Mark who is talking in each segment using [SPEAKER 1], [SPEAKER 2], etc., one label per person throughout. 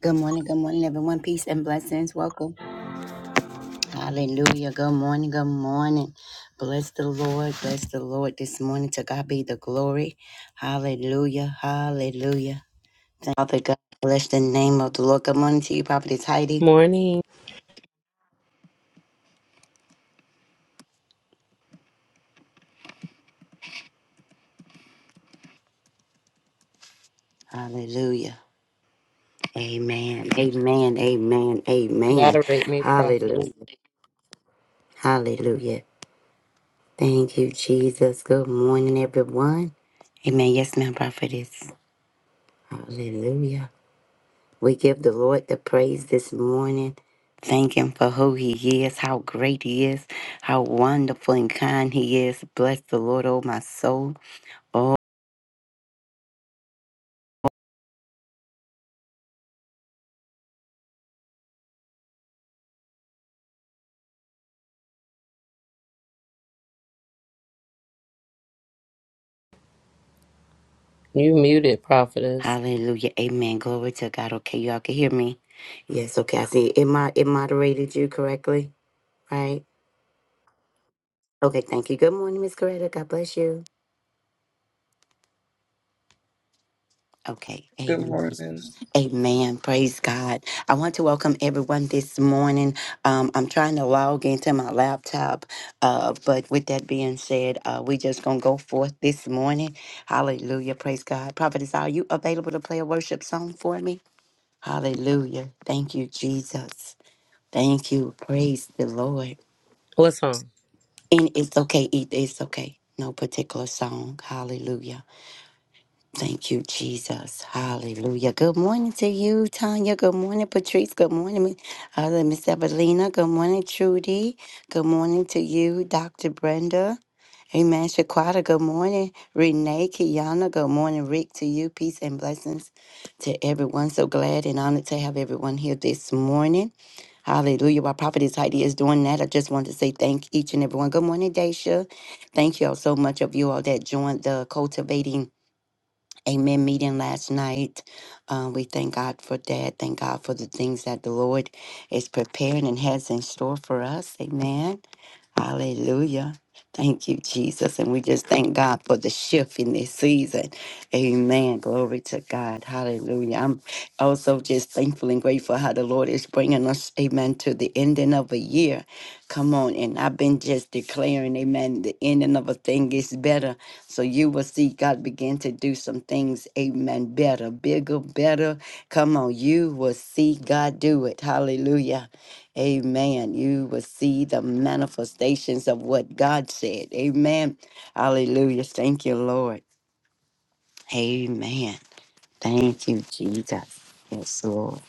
[SPEAKER 1] Good morning, good morning, everyone. Peace and blessings. Welcome. Hallelujah. Good morning, good morning. Bless the Lord, bless the Lord this morning. To God be the glory. Hallelujah, hallelujah. Father God, bless the name of the Lord. Good morning to you, Prophetess Heidi. Hallelujah. Amen, amen, amen, amen. Hallelujah, hallelujah. Thank you, Jesus. Good morning, everyone. Amen. Yes, ma'am, Prophetess. Hallelujah. We give the Lord the praise this morning. Thank Him for who He is, how great He is, how wonderful and kind He is. Bless the Lord, oh my soul. Oh, hallelujah. Amen. Glory to God. Okay, y'all can hear me. Yes, okay. I see. It, mo- it moderated you correctly, right? Okay, thank you. Good morning, Miss Coretta. God bless you. Okay,
[SPEAKER 2] Good
[SPEAKER 1] amen.
[SPEAKER 2] morning.
[SPEAKER 1] Amen. Praise God. I want to welcome everyone this morning. Um, I'm trying to log into my laptop, uh, but with that being said, uh, we just going to go forth this morning. Hallelujah. Praise God. Prophetess, are you available to play a worship song for me? Hallelujah. Thank you, Jesus. Thank you. Praise the Lord. And it's okay. It- It's okay. No particular song. Hallelujah. Thank you, Jesus. Hallelujah. Good morning to you, Tanya. Good morning, Patrice. Good morning, Mi- uh, Miss Evelina. Good morning, Trudy. Good morning to you, Dr. Brenda. Amen. Shaquata, good morning. Renee, Kiana, good morning. Rick, to you, peace and blessings to everyone. So glad and honored to have everyone here this morning. Hallelujah. While Prophetess Heidi is doing that, I just want to say thank each and everyone. Good morning, Daisha. Thank you all so much of you all that joined the Cultivating Amen meeting last night. Um, we thank God for that. Thank God for the things that the Lord is preparing and has in store for us. Amen. Hallelujah. Thank you, Jesus. And we just thank God for the shift in this season. Amen. Glory to God. Hallelujah. I'm also just thankful and grateful how the Lord is bringing us, amen, to the ending of a year. Come on. And I've been just declaring, amen, the ending of a thing is better. So you will see God begin to do some things, amen, better, bigger, better. Come on. You will see God do it. Hallelujah. Amen. You will see the manifestations of what God said. Amen. Hallelujah. Thank you, Lord. Amen. Thank you, Jesus. Yes, Lord.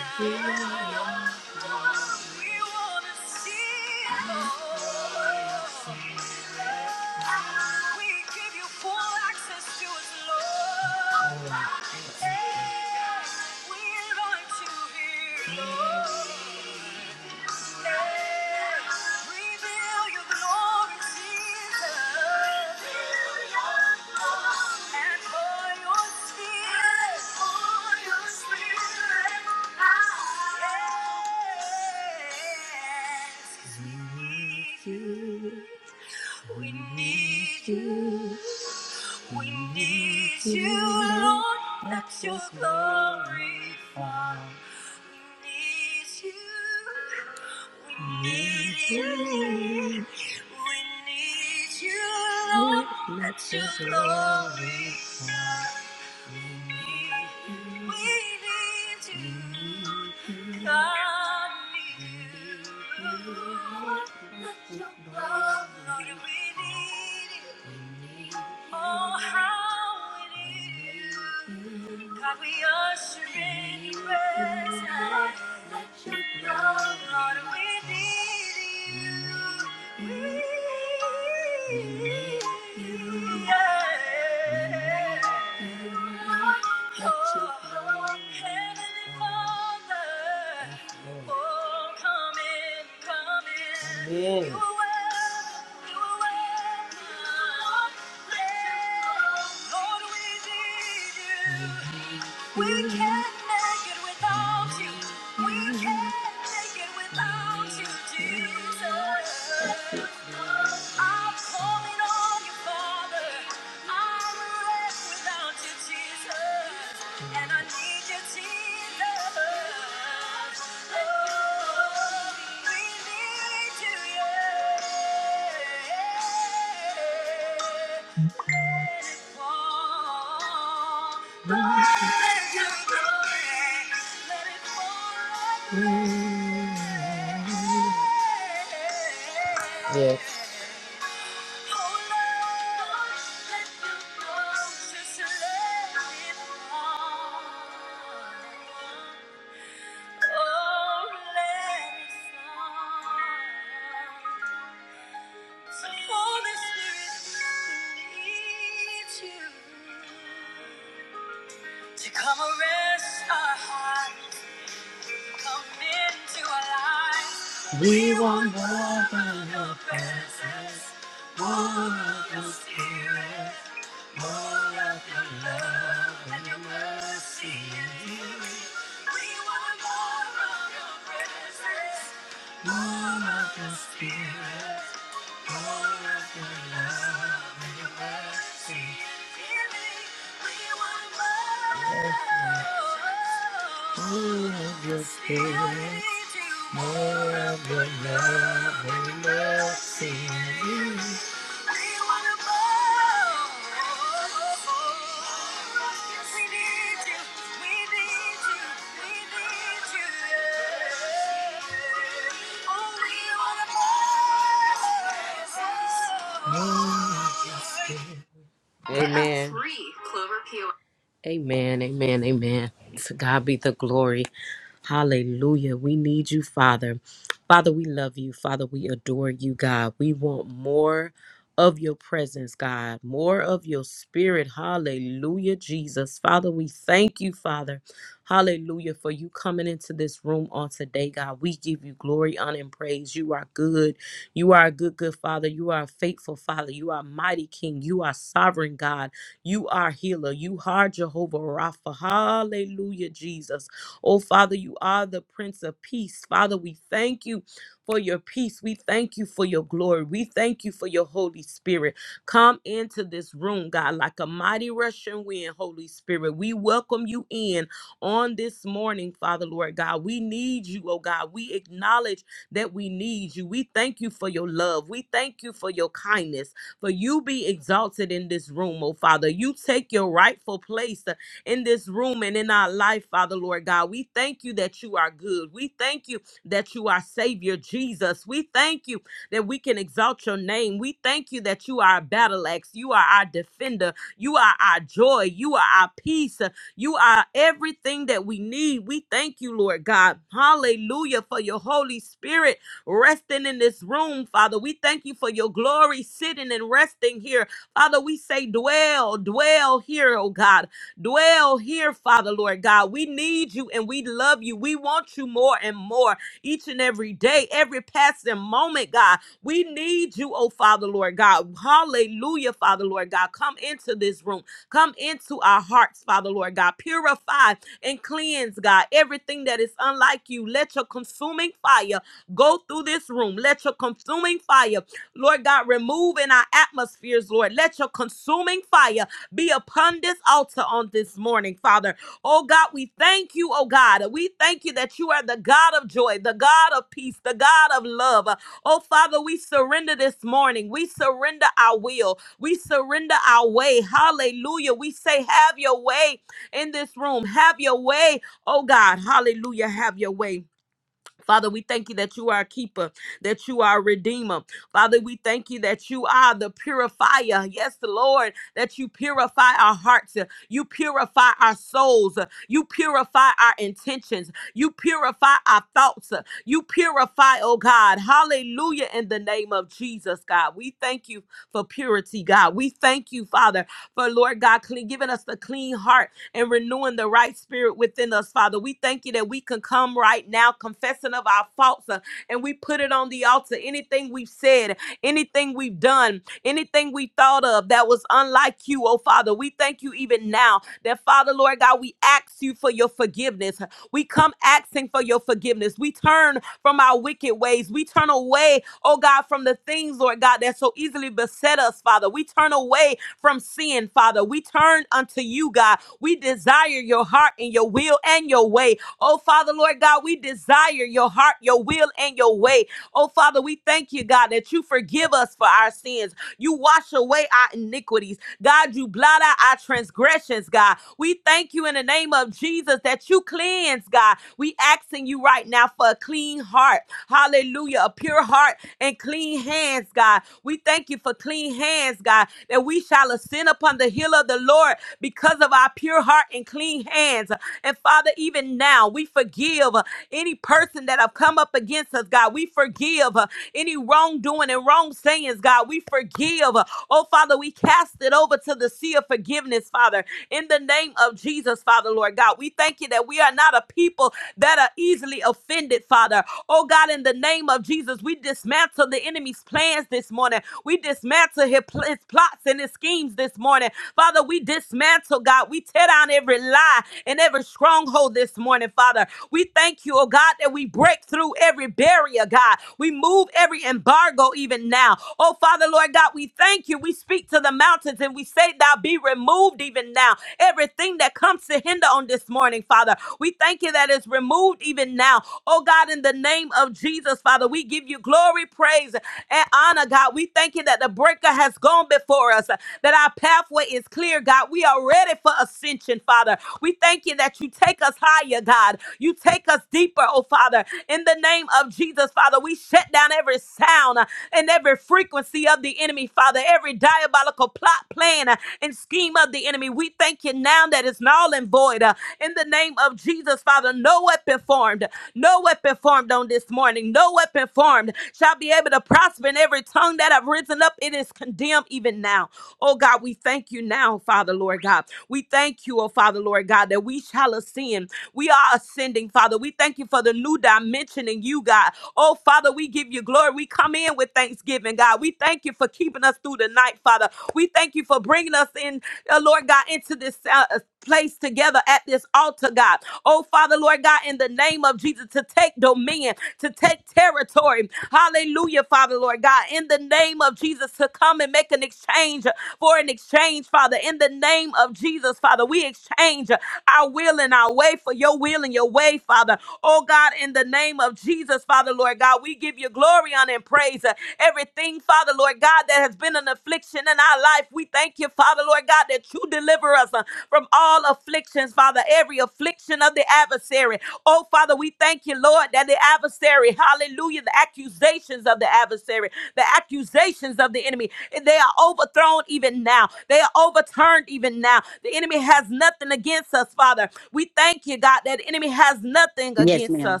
[SPEAKER 1] Yes, ma'am.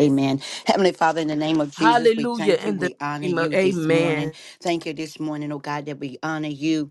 [SPEAKER 1] Amen. Heavenly Father, in the name of Jesus, we thank you. We honor you this morning. Thank you this morning, oh God, that we honor you.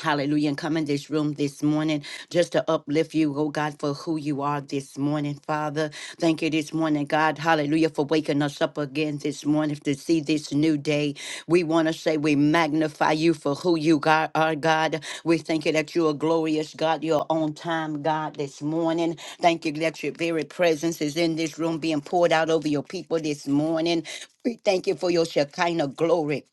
[SPEAKER 1] Hallelujah. And come in this room this morning just to uplift you, oh God, for who you are this morning, Father. Thank you this morning, God. Hallelujah, for waking us up again this morning to see this new day. We want to say we magnify you for who you God, are, God. We thank you that you are glorious, God. You're on time, God, this morning. Thank you that your very presence is in this room being poured out over your people this morning. We thank you for your Shekinah glory.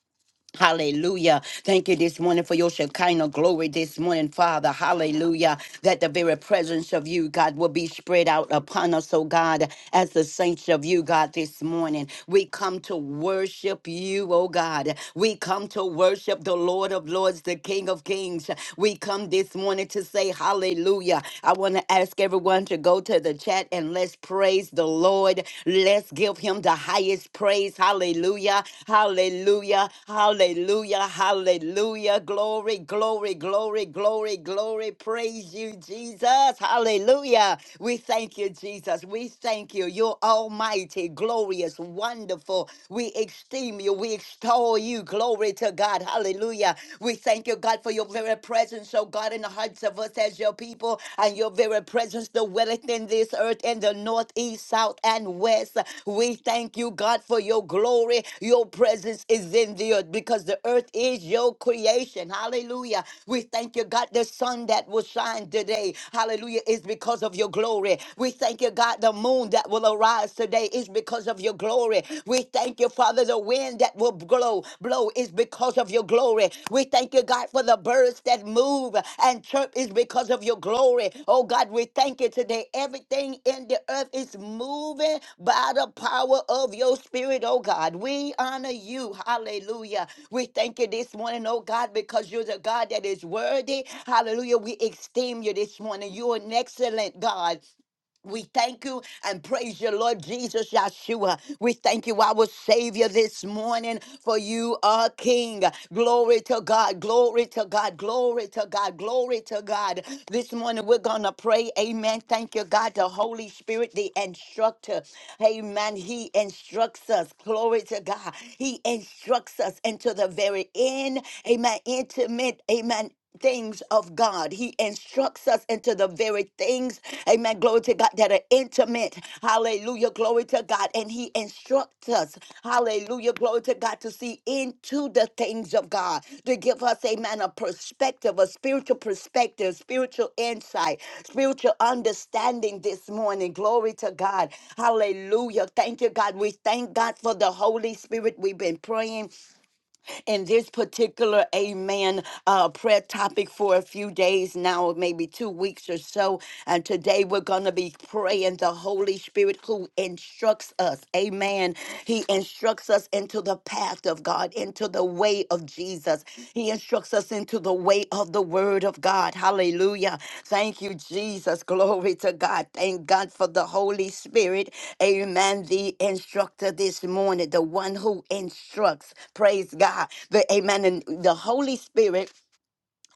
[SPEAKER 1] Hallelujah. Thank you this morning for your Shekinah glory this morning, Father. Hallelujah. That the very presence of you, God, will be spread out upon us, oh God, as the saints of you, God, this morning. We come to worship you, oh God. We come to worship the Lord of Lords, the King of Kings. We come this morning to say hallelujah. I want to ask everyone to go to the chat and let's praise the the Lord. Let's give him the highest praise. Hallelujah. Hallelujah. Hallelujah. Hallelujah. Glory, glory, glory, glory, glory. Praise you, Jesus. Hallelujah. We thank you, Jesus. We thank you. You're almighty, glorious, wonderful. We esteem you. We extol you. Glory to God. Hallelujah. We thank you, God, for your very presence, oh God. God, in the hearts of us as your people, and your very presence dwelleth in this earth, in the north, east, south, and west. We thank you, God, for your glory. Your presence is in the earth because the earth is your creation. Hallelujah. We thank you, God, the sun that will shine today. Hallelujah. Is because of your glory. We thank you, God, the moon that will arise today is because of your glory. We thank you, Father, the wind that will blow, blow is because of your glory. We thank you, God, for the birds that move and chirp is because of your glory. Oh God, we thank you today. Everything in the earth is moving by the power of your spirit, oh God. We honor you. Hallelujah. We thank you this morning, oh God, because you're the God that is worthy. Hallelujah. We esteem you this morning. You're an excellent God. We thank you and praise your Lord Jesus Yeshua. We thank you, our Savior, this morning, for you are King. Glory to God, glory to God, glory to God, glory to God. This morning we're going to pray. Amen. Thank you, God, the Holy Spirit, the instructor. Amen. He instructs us. Glory to God. He instructs us into the very end. Amen. Intimate. Amen things of God. He instructs us into the very things, amen, glory to God, that are intimate. Hallelujah, glory to God. And he instructs us, hallelujah, glory to God, to see into the things of God, to give us, amen, a perspective, a spiritual perspective, spiritual insight, spiritual understanding this morning. Glory to God. Hallelujah. Thank you, God. We thank God for the Holy Spirit. We've been praying in this particular amen uh, prayer topic for a few days now, maybe two weeks or so. And today we're going to be praying the Holy Spirit who instructs us. Amen. He instructs us into the path of God, into the way of Jesus us. He instructs us into the way of the word of God. Hallelujah. Thank you, Jesus. Glory to God. Thank God for the Holy Spirit. Amen. The instructor this morning, the one who instructs. Praise God. The, amen. And the Holy Spirit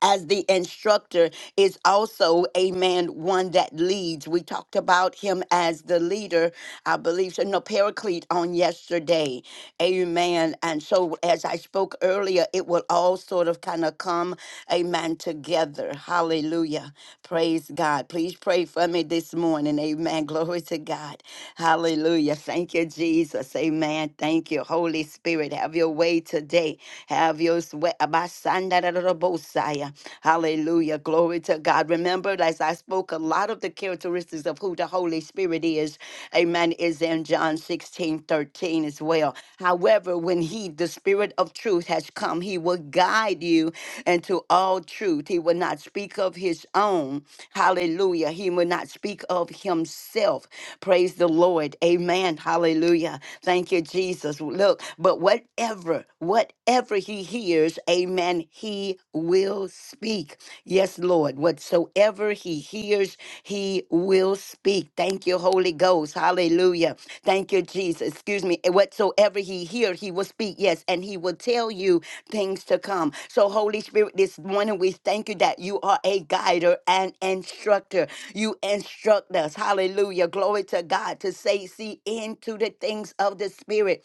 [SPEAKER 1] as the instructor is also a man one that leads we talked about him as the leader i believe so no paraclete on yesterday amen and so as i spoke earlier it will all sort of kind of come amen together hallelujah praise god please pray for me this morning amen glory to god hallelujah thank you jesus amen thank you holy spirit have your way today have your way Abasandarabosia. Hallelujah. Glory to God. Remember, as I spoke, a lot of the characteristics of who the Holy Spirit is, amen, is in John 16 13 as well. However, when He, the Spirit of truth, has come, He will guide you into all truth. He will not speak of His own. Hallelujah. He will not speak of Himself. Praise the Lord. Amen. Hallelujah. Thank you, Jesus. Look, but whatever. Whatever, whatever he hears, amen, he will speak. Yes, Lord, whatsoever he hears, he will speak. Thank you, Holy Ghost. Hallelujah. Thank you, Jesus. Excuse me. Eh, Whatsoever he hear, he will speak. Yes, and he will tell you things to come. So, Holy Spirit, this morning we thank you that you are a guider and instructor. You instruct us. Hallelujah. Glory to God to say, see into the things of the Spirit.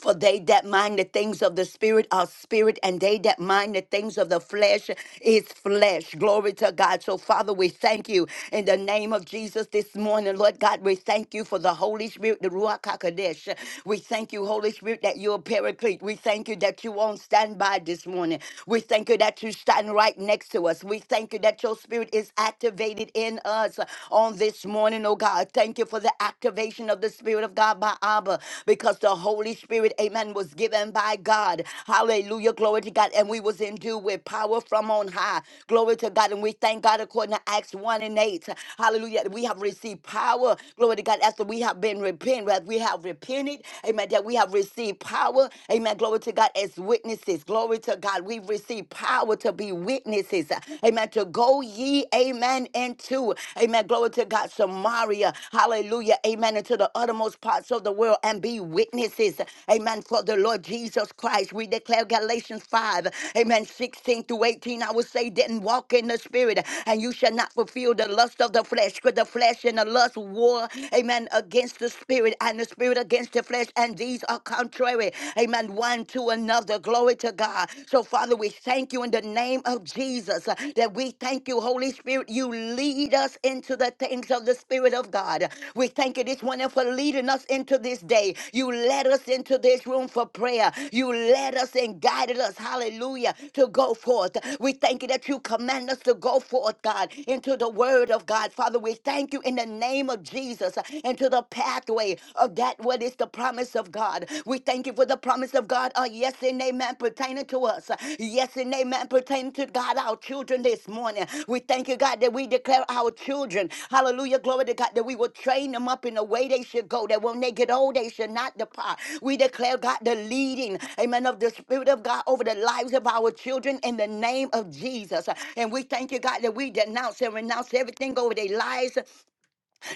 [SPEAKER 1] For they that mind the things of the spirit are spirit, and they that mind the things of the flesh is flesh. Glory to God. So, Father, we thank you in the name of Jesus this morning. Lord God, we thank you for the Holy Spirit, the Ruach HaKodesh. We thank you, Holy Spirit, that you're a paraclete. We thank you that you won't stand by this morning. We thank you that you stand right next to us. We thank you that your spirit is activated in us on this morning, oh God. Thank you you for the activation of the Spirit of God by Abba because the Holy Spirit, amen, was given by God. Hallelujah. Glory to God. And we was endued with power from on high. Glory to God. And we thank God according to Acts 1 and 8. Hallelujah. We have received power. Glory to God. After we have been repentant, that we have repented. Amen. That we have received power. Amen. Glory to God as witnesses. Glory to God. We've received power to be witnesses. Amen. To go go ye, amen, into, amen, glory to God, Samaria, hallelujah, amen, into the uttermost parts of the world and be witnesses, amen, for the Lord Jesus Christ. We declare Galatians 5, amen, 16 through 18. I will say, then walk in the spirit, and you shall not fulfill the lust of the flesh, because the flesh and the lust war, amen, against the spirit, and the spirit against the flesh, and these are contrary, amen, one to another. Glory to God. God. So, Father, we thank you in the name of Jesus uh, that we thank you, Holy Spirit. You lead us into the things of the Spirit of God. We thank you this morning for leading us into this day. You led us into this room for prayer. You led us and guided us, hallelujah, to go forth. We thank you that you command us to go forth, God, into the word of God. Father, we thank you in the name of Jesus uh, into the pathway of that what is the promise of God. We thank you for the promise of God. Uh, yes and amen pertaining to us. Yes and amen pertaining to God, our children this morning. We thank you, God, that we declare our children. Hallelujah. Glory to God that we will train them up in the way they should go. That when they get old, they should not depart. We declare, God, the leading, amen, of the Spirit of God over the lives of our children in the name of Jesus. And we thank you, God, that we denounce and renounce everything over their lives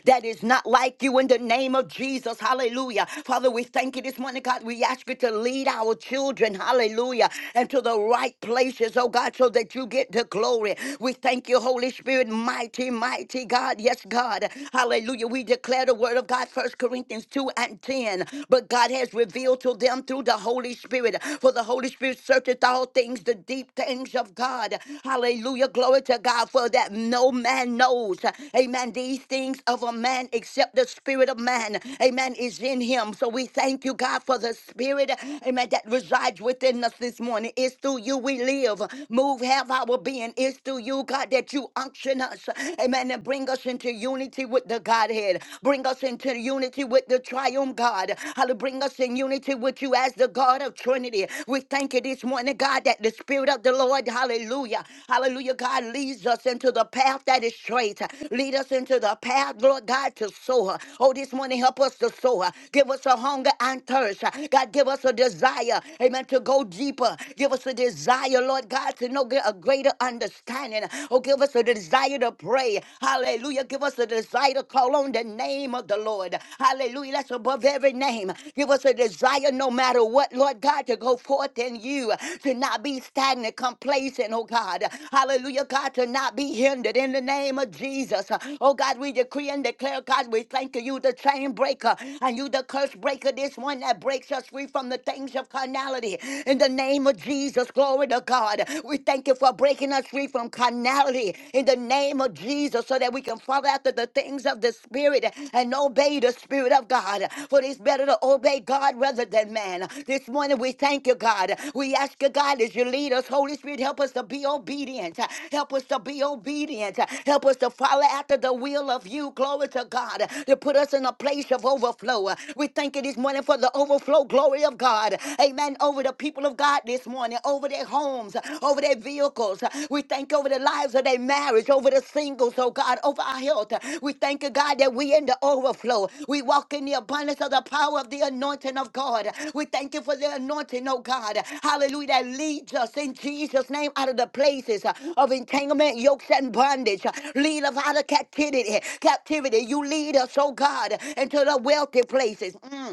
[SPEAKER 1] that is not like you in the name of Jesus. Hallelujah. Father, we thank you this morning, God. We ask you to lead our children, hallelujah, and to the right places, oh God, so that you get the glory. We thank you, Holy Spirit, mighty, mighty God. Yes, God. Hallelujah. We declare the word of God, First Corinthians 2 and 10. But God has revealed to them through the Holy Spirit. For the Holy Spirit searcheth all things, the deep things of God. Hallelujah. Hallelujah. Glory to God for that no man knows. Amen. These things of a man except the spirit of man. Amen. Is in him. So we thank you, God, for the spirit. Amen. That resides within us this morning. It's through you we live, move, have our being. It's through you, God, that you unction us. Amen. And bring us into unity with the Godhead. Bring us into unity with the triumph God. Hallelujah. Bring us in unity with you as the God of Trinity opportunity. We thank you this morning, God, that the Spirit of the Lord, hallelujah, hallelujah, God leads us into the path that is straight. Lead us into the path, Lord God, to sow. Oh, this morning, help us to sow. Give us a hunger and thirst. God, give us a desire, amen, to go deeper. Give us a desire, Lord God, to know get a greater understanding. Oh, give us a desire to pray. Hallelujah. Give us a desire to call on the name of the Lord. Hallelujah. That's above every name. Give us a desire no matter what, Lord God, to go forth in you, to not be stagnant, complacent, oh God. Hallelujah, God, to not be hindered in the name of Jesus. Oh God, we decree and declare, God, we thank you, the chain breaker, and you, the curse breaker, this one that breaks us free from the things of carnality. In the name of Jesus, glory to God. We thank you for breaking us free from carnality. In the name name of Jesus so that we can follow after the things of the Spirit and obey the Spirit of God. For it's better to obey God rather than man. This morning we thank you, God. We ask you, God, as you lead us, Holy Spirit, help us to be obedient. Help us to be obedient. Help us to follow after the will of you. Glory to God. To put us in a place of overflow. We thank you this morning for the overflow glory of God. Amen. Over the people of God this morning over their homes, over their vehicles. We thank you over the lives of their marriage, over the singles, oh God, over our health. We thank you, God, that we in the overflow. We walk in the abundance of the power of the anointing of God. We thank you for the anointing, oh God. Hallelujah. That leads us in Jesus' name out of the places uh, of entanglement, yokes, and bondage. Uh, Lead us out of captivity. Captivity. You lead us, oh God, into the wealthy places. Mm.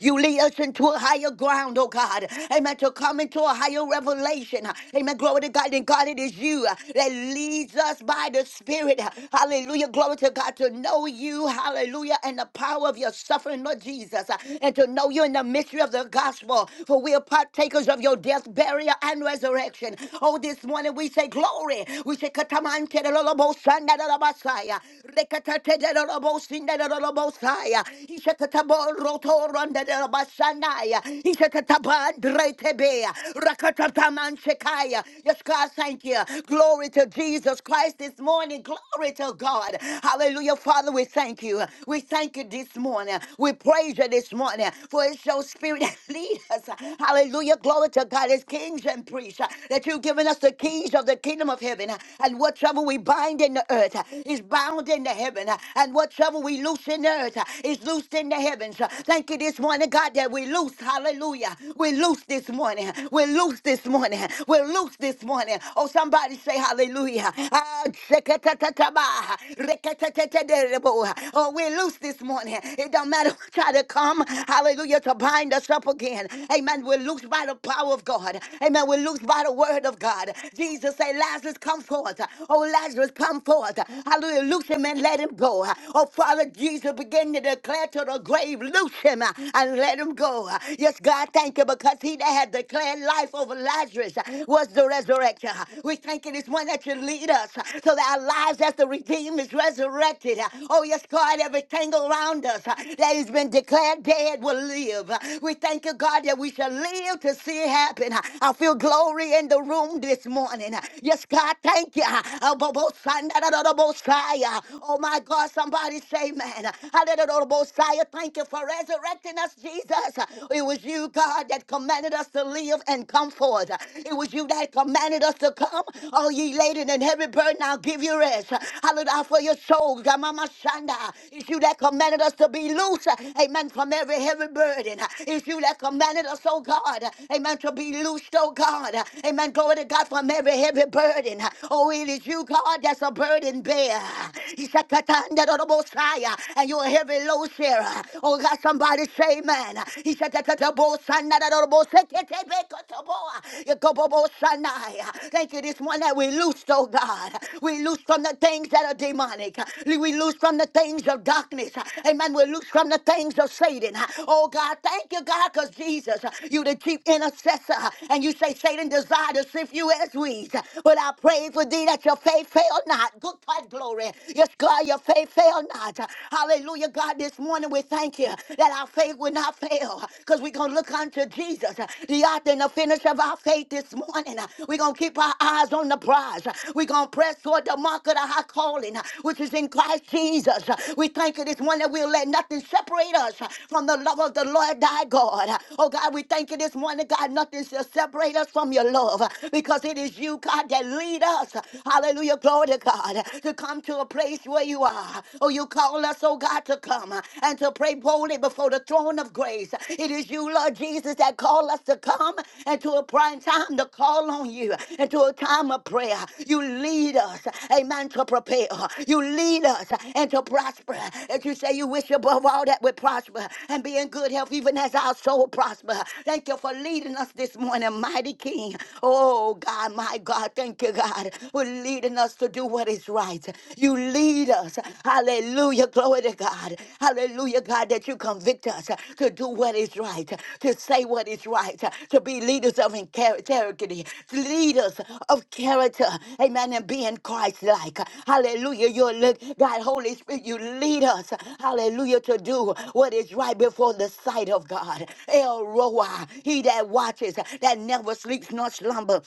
[SPEAKER 1] You lead us into a higher ground, oh God. Amen. To come into a higher revelation. Amen. Glory to God. And God, it is you that leads us by the Spirit. Hallelujah. Glory to God. To know you. Hallelujah. And the power of your suffering, Lord Jesus. And to know you in the mystery of the gospel. For we are partakers of your death, burial, and resurrection. Oh, this morning we say glory. We say katamante de lolobo sanda de la basaya. Rekatate de lolobo sinda de lolobo saya roto randa de basanaya. Ishakataban dretebea. Rakatataman shekaya. Yes, God, thank you. Glory to Jesus Christ this morning. Glory to God. Hallelujah. Father, we thank you. We thank you this morning. We praise you this morning. For it's your spirit that lead us. Hallelujah. Glory to God. As kings and priests, that you've given us the keys of the kingdom of heaven. And whatsoever we bind in the earth is bound in the heaven. And whatsoever we loose in the earth is loosed in the heavens. Thank you this morning, God, that we loose. Hallelujah. We loose this morning. We loose this morning. We loose this morning. Oh, somebody say hallelujah. Ah, shekatatataba, rekatatatadebo. Oh, we loose this morning. It don't matter who try to come. Hallelujah. To bind us up again. Amen. We're loose by the power of God. Amen. We're loose by the word of God. Jesus say, Lazarus, come forth. Oh, Lazarus, come forth. Hallelujah. Loose him and let him go. Oh, Father of Jesus, begin to declare to the grave, loose him uh, and let him go. Uh, Yes, God, thank you because he that had declared life over Lazarus uh, was the resurrection. Uh, We thank you this one that you lead us uh, so that our lives as the redeemed is resurrected. Uh, Oh, yes, God, everything around us uh, that has been declared dead will live. Uh, We thank you, God, that we shall live to see it happen. Uh, I feel glory in the room this morning. Uh, Yes, God, thank you. Uh, Oh, bo- bo- son, da- da- da- da- bo- sigh. Uh, oh, my God, somebody say, man. Hallelujah, Messiah. Thank you for resurrecting us, Jesus. It was you, God, that commanded us to live and come forth. It was you that commanded us to come. Oh, ye laden and heavy burden, I'll give you rest. Hallelujah for your souls. Gamama Shanda. It's you that commanded us to be loose. Amen. From every heavy burden. It's you that commanded us, oh God. Amen. To be loosed, oh God. Amen. Glory to God from every heavy burden. Oh, it is you, God, that's a burden bear. Ishakatanda do do bosaya. And you're a heavy load sharer. Oh God, somebody say man. Ishakata bosana do bosekete bekotoboa. Yokobobosanaya. Thank you this morning that we loose, oh God. We loose from the things that are demonic. We loose from the things of darkness. Amen. We loose from the things of Satan. Oh God, thank you, God, because Jesus, you the chief intercessor. And you say Satan desired to sift you as weeds. But I pray for thee that your faith fail not. Good God, glory. Yes, God, your faith fail not. Hallelujah, God, this morning we thank you that our faith will not fail because we're going to look unto Jesus, the author and the finish of our faith this morning. We're going to keep our eyes on the prize. We're going to press toward the mark of the high calling, which is in Christ Jesus. We thank you this morning that we'll let nothing separate us from the love of the Lord thy God. Oh, God, we thank you this morning, God, nothing shall separate us from your love because it is you, God, that lead us. Hallelujah. Glory to God. To come to a place where you are. Oh, you call us, oh God, to come and to pray boldly before the throne of grace. It is you, Lord Jesus, that call us to come and to a prime time to call on you and to a time of prayer. You lead us, amen, to prepare. You lead us and to prosper. As you say, you wish above all that we prosper and be in good health, even as our soul prosper. Thank you for leading us this morning, mighty King. Oh, God, my God thank you, God, for leading us to do what is right. You lead us. Hallelujah. Glory to God. Hallelujah, God, that you convict us to do what is right, to say what is right, to be leaders of integrity, leaders of character. Amen. And being Christ like. Hallelujah. You're look, God, Holy Spirit, you lead us. Hallelujah. To do what is right before the sight of God. El Roa, he that watches, that never sleeps nor slumber.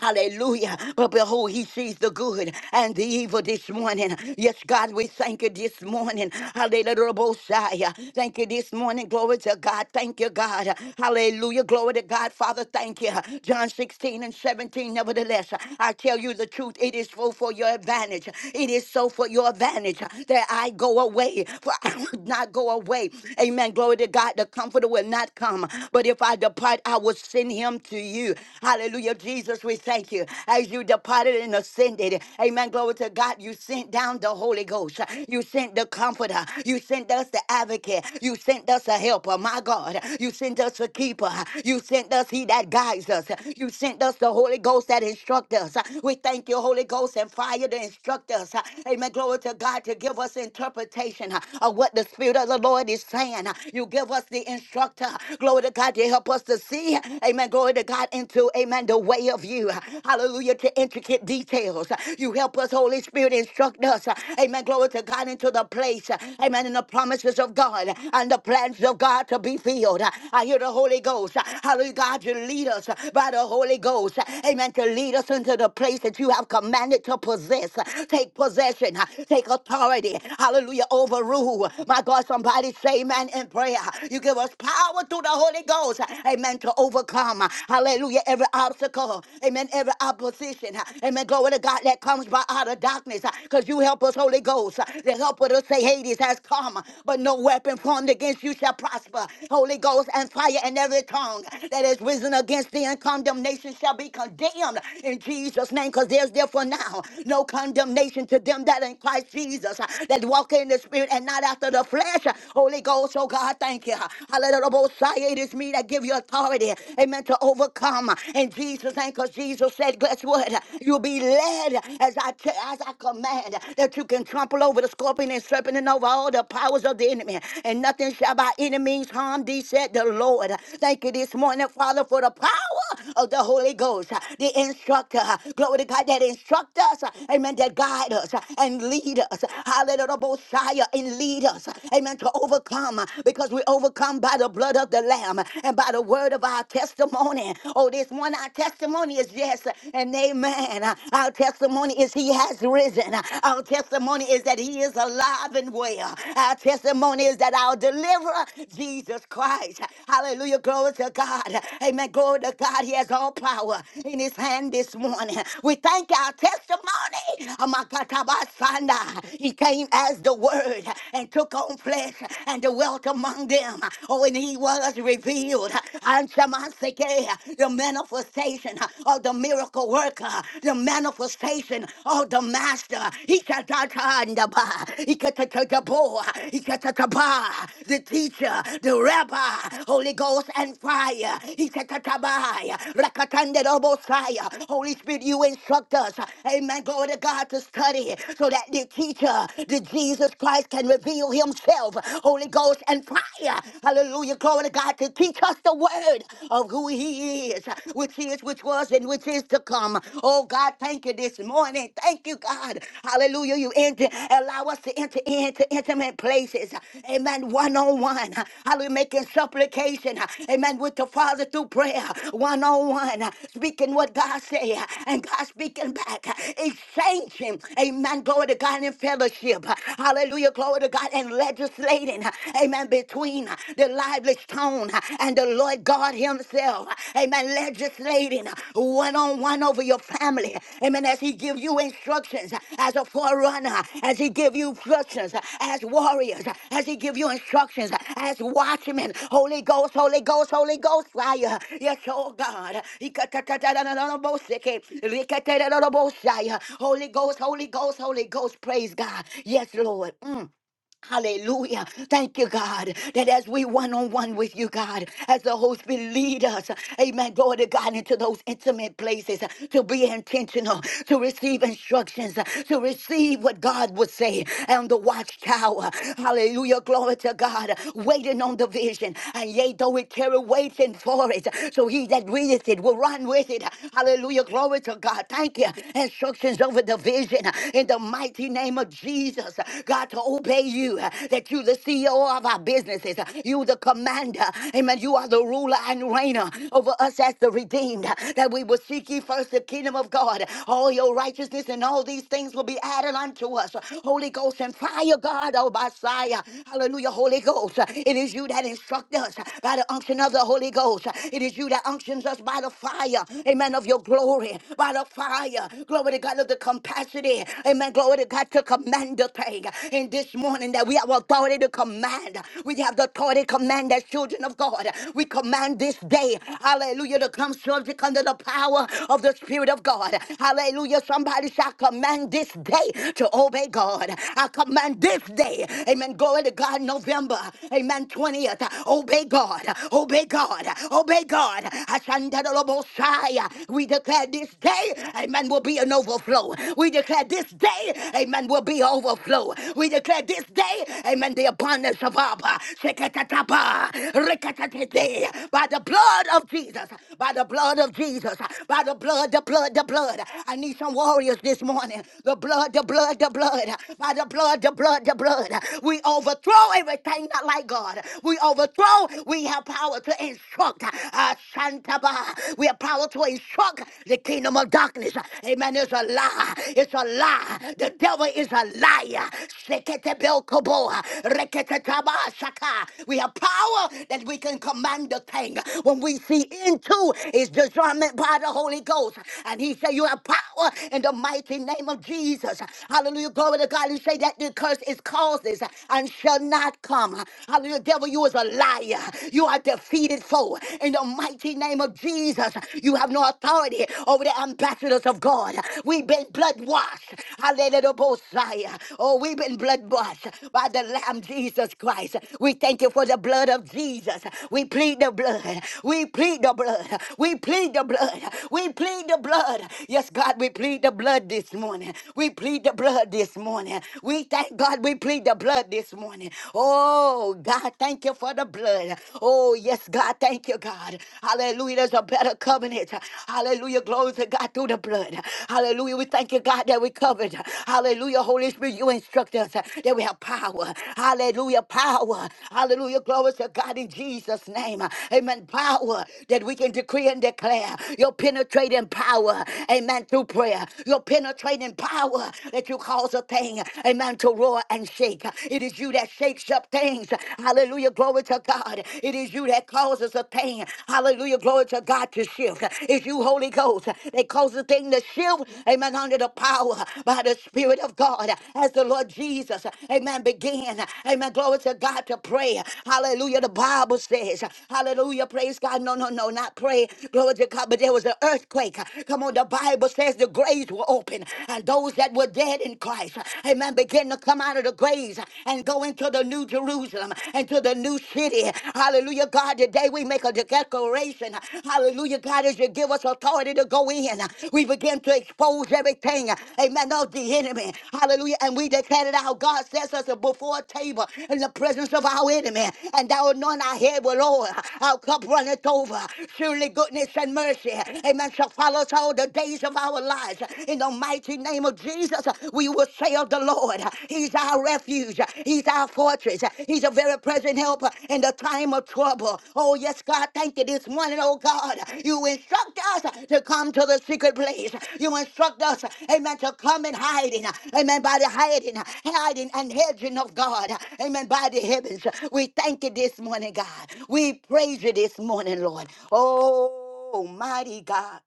[SPEAKER 1] Hallelujah. But behold, he sees the good and the evil this morning. Yes, God, we thank you this morning. Hallelujah. Bosiah. Thank you this morning. Glory to God. Thank you, God. Hallelujah. Glory to God. Father, thank you. John 16 and 17. Nevertheless, I tell you the truth. It is so for your advantage. It is so for your advantage that I go away. For I would not go away. Amen. Glory to God. The comforter will not come. But if I depart, I will send him to you. Hallelujah. Hallelujah, Jesus, we thank you. As you departed and ascended, amen. Glory to God, you sent down the Holy Ghost. You sent the Comforter. You sent us the Advocate. You sent us a Helper, my God. You sent us a Keeper. You sent us He that guides us. You sent us the Holy Ghost that instruct us. We thank you, Holy Ghost and fire to instruct us. Amen. Glory to God to give us interpretation of what the Spirit of the Lord is saying. You give us the instructor. Glory to God to help us to see. Amen. Glory to God, into, amen, the way of you. Hallelujah, to intricate details. You help us, Holy Spirit, instruct us. Amen, glory to God, into the place. Amen, in the promises of God and the plans of God to be filled. I hear the Holy Ghost. Hallelujah, God, you lead us by the Holy Ghost. Amen, to lead us into the place that you have commanded to possess. Take possession, take authority. Hallelujah, overrule. My God, somebody say amen in prayer. You give us power through the Holy Ghost. Amen. To to overcome. Hallelujah. Every obstacle. Amen. Every opposition. Amen. Glory to God that comes by out of darkness. Because you help us, Holy Ghost. The helper to say Hades has come. But no weapon formed against you shall prosper. Holy Ghost and fire and every tongue that is risen against thee in condemnation shall be condemned in Jesus' name. Because there's therefore now no condemnation to them that in Christ Jesus that walk in the spirit and not after the flesh. Holy Ghost, oh God, thank you. Hallelujah decree that give you authority, amen, to overcome. In Jesus' name, because Jesus said, guess what? You'll be led as I, t- as I command that you can trample over the scorpion and serpent and over all the powers of the enemy. And nothing shall by any means harm thee, said the Lord. Thank you this morning, Father, for the power of the Holy Ghost, the instructor. Glory to God that instruct us, amen, that guide us and lead us. Hallelujah, Messiah, and lead us, amen, to overcome because we overcome by the blood blood of the Lamb and by the word of our testimony. Oh, this one, our testimony is yes and amen. Our testimony is He has risen. Our testimony is that He is alive and well. Our testimony is that our deliverer, Jesus Christ. Hallelujah. Glory to God. Amen. Glory to God. He has all power in His hand this morning. We thank our testimony. Amakatabasanda. He came as the Word and took on flesh and dwelt among them him. Oh, and he was revealed. And Shamanseke, the manifestation of the miracle worker, the manifestation of the master. He katatandaba, he katatataboa, he katataba, the teacher, the rabbi, Holy Ghost and fire. He katatabai, rakatandedobosai. Holy Spirit, you instruct us. Amen. Glory to God to study so that the teacher, the Jesus Christ, can reveal himself. Holy Ghost. Ghost and fire. Hallelujah. Glory to God to teach us the word of who He is, which is, which was, and which is to come. Oh God, thank you this morning. Thank you, God. Hallelujah. You enter, allow us to enter into intimate places. Amen. One on one. Hallelujah. Making supplication. Amen. With the Father through prayer. One on one. Speaking what God say and God speaking back. Exchanging. Amen. Glory to God in fellowship. Hallelujah. Glory to God and legislating, amen, between the lively stone and the Lord God Himself, amen, legislating one on one over your family, amen, as He give you instructions as a forerunner, as He give you instructions as warriors, as He give you instructions as watchmen, Holy Ghost, Holy Ghost, Holy Ghost fire, yes, oh God, Holy Ghost, Holy Ghost, Holy Ghost, praise God, yes, Lord. Mm. Hallelujah. Thank you, God, that as we one on one with you, God, as the Holy Spirit lead us, amen, glory to God, into those intimate places uh, to be intentional, to receive instructions, uh, to receive what God would say on the watchtower. Hallelujah. Glory to God, waiting on the vision. And yea, though we carry waiting for it, so he that readeth it will run with it. Hallelujah. Glory to God. Thank you. Instructions over the vision uh, in the mighty name name of Jesus, God, to obey you, that you, the CEO of our businesses, you, the commander, amen. You are the ruler and reigner over us as the redeemed, that we will seek ye first the kingdom of God, all your righteousness and all these things will be added unto us. Holy Ghost and fire, God, oh, Messiah. Hallelujah, Holy Ghost. It is you that instruct us by the unction of the Holy Ghost. It is you that unctions us by the fire, amen, of your glory, by the fire. Glory to God. God of the capacity, amen, glory to God, to command the thing. And this morning that we have authority to command. We have the authority to command as children of God. We command this day, hallelujah, to come subject under the power of the Spirit of God. Hallelujah, somebody shall command this day to obey God. I command this day, amen, glory to God, November, amen, 20th, obey God, obey God, obey God. Ashandalobosai. We declare declare this day, amen, will be an overflow. We declare this day, amen, will be overflow. We declare this day, amen, the abundance of Abba. Shekatataba, rekatatete. By the blood of Jesus, by the blood of Jesus, by the blood, the blood, the blood. I need some warriors this morning. The blood, the blood, the blood. By the blood, the blood, the blood. We overthrow everything not like God. We overthrow, we have power to instruct. Uh, we have power to instruct the kingdom of darkness. Amen. It's a lie. It's a lie. The devil is a liar. Seketebelkobo, reketetabasaka. We have power that we can command the thing. When we see into is discernment by the Holy Ghost. And he said, You have power in the mighty name of Jesus. Hallelujah. Glory to God. He say that the curse is causes and shall not come. Hallelujah. Devil, you is a liar. You are a defeated foe. In the mighty name of Jesus, you have no authority over the ambassadors of God. We've been blood washed. Hallelujah, Bosiah. Oh, we've been blood washed by the Lamb Jesus Christ. We thank you for the blood of Jesus. We plead the blood. We plead the blood. We plead the blood. We plead the blood. Yes, God, we plead the blood this morning. We plead the blood this morning. We thank God we plead the blood this morning. Oh, Oh, God, thank you for the blood. Oh, yes, God, thank you, God. Hallelujah. There's a better covenant. Hallelujah. Glory to God through the blood. Hallelujah. We thank you, God, that we covered. Hallelujah. Holy Spirit, you instruct us that we have power. Hallelujah. Power. Hallelujah. Glory to God in Jesus' name. Amen. Power that we can decree and declare your penetrating power. Amen. Through prayer, your penetrating power that you cause a thing. Amen. To roar and shake shake. It is you that shakes up things. Hallelujah. Glory to God. It is you that causes a thing. Hallelujah. Glory to God to shift. It's you, Holy Ghost, that causes a thing to shift. Amen. Under the power by the Spirit of God. As the Lord Jesus, amen, began. Amen. Glory to God to pray. Hallelujah. The Bible says, Hallelujah. Praise God. No, no, no, not pray. Glory to God. But there was an earthquake. Come on. The Bible says the graves were open. And those that were dead in in Christ. Amen. Begin to come out of the graves and go into the new Jerusalem into the new city. Hallelujah, God. Today we make a declaration. Hallelujah, God, as you give us authority to go in, we begin to expose everything. Amen. Of the enemy. Hallelujah. And we declare that our God sets us before a table in the presence of our enemy. And thou anoint our head with oil. Our cup runneth over. Surely goodness and mercy. Amen. Shall follow us all the days of our lives. In the mighty name of Jesus, we will say of the Lord, He's our refuge, He's our fortress, He's a very present helper in the time of trouble. Oh, yes, God, thank you this morning, oh God. You instruct us to come to the secret place. You instruct us, amen, to come in hiding, amen, by the hiding, hiding and hedging of God, amen, by the heavens. We thank you this morning, God. We praise you this morning, Lord. Oh, mighty God.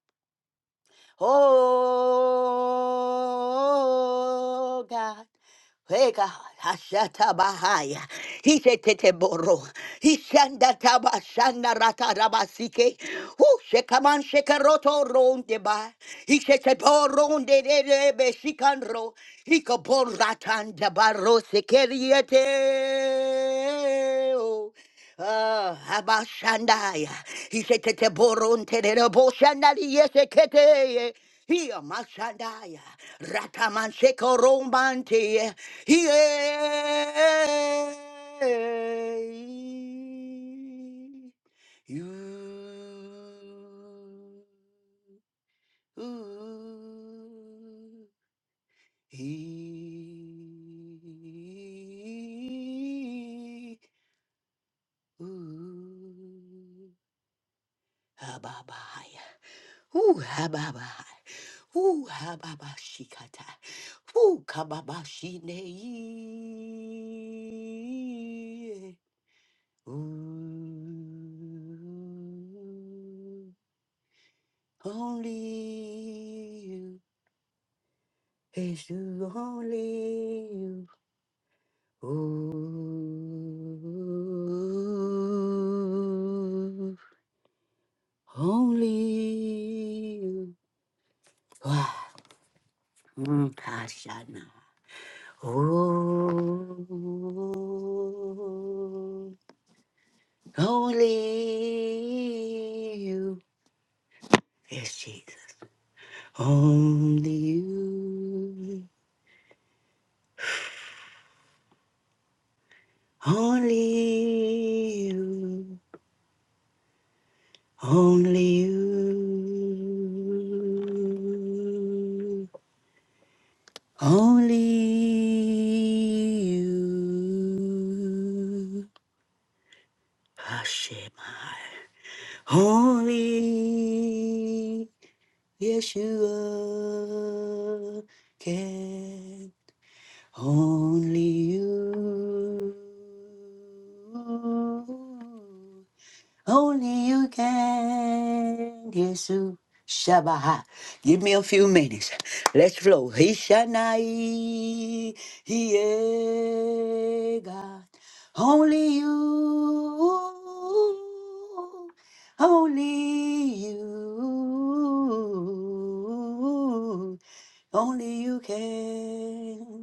[SPEAKER 1] Oh God. Hey God, Hashata Bahaya. He said Teteboro. He shanda taba shanda rata rabasike. Who shekaman shekaroto ronde ba. He said Teboronde de de be shikanro. He kabor ratan dabaro sekeriete. Ah, Abashandaya. He said, Tete boron tere de bo shandali yese kete. Here, Mashandaya. Rataman sheko rombante. Here. You. Ooh, He. Ooh. Hababaya. Ooh, hababaya. Ooh, hababashikata. Ooh, kababashine. Ooh, only you. It's you, only you. Ooh, only you. Wow. Mm, Hashanah. Oh, only you. Yes, Jesus. Only you. Only you. Only you. Only you. Hashem. Only Yeshua can only you. Only you can, Jesus. Shabbat. Give me a few minutes. Let's flow. He Shanai, He eh, God. Only you, only you, only you can.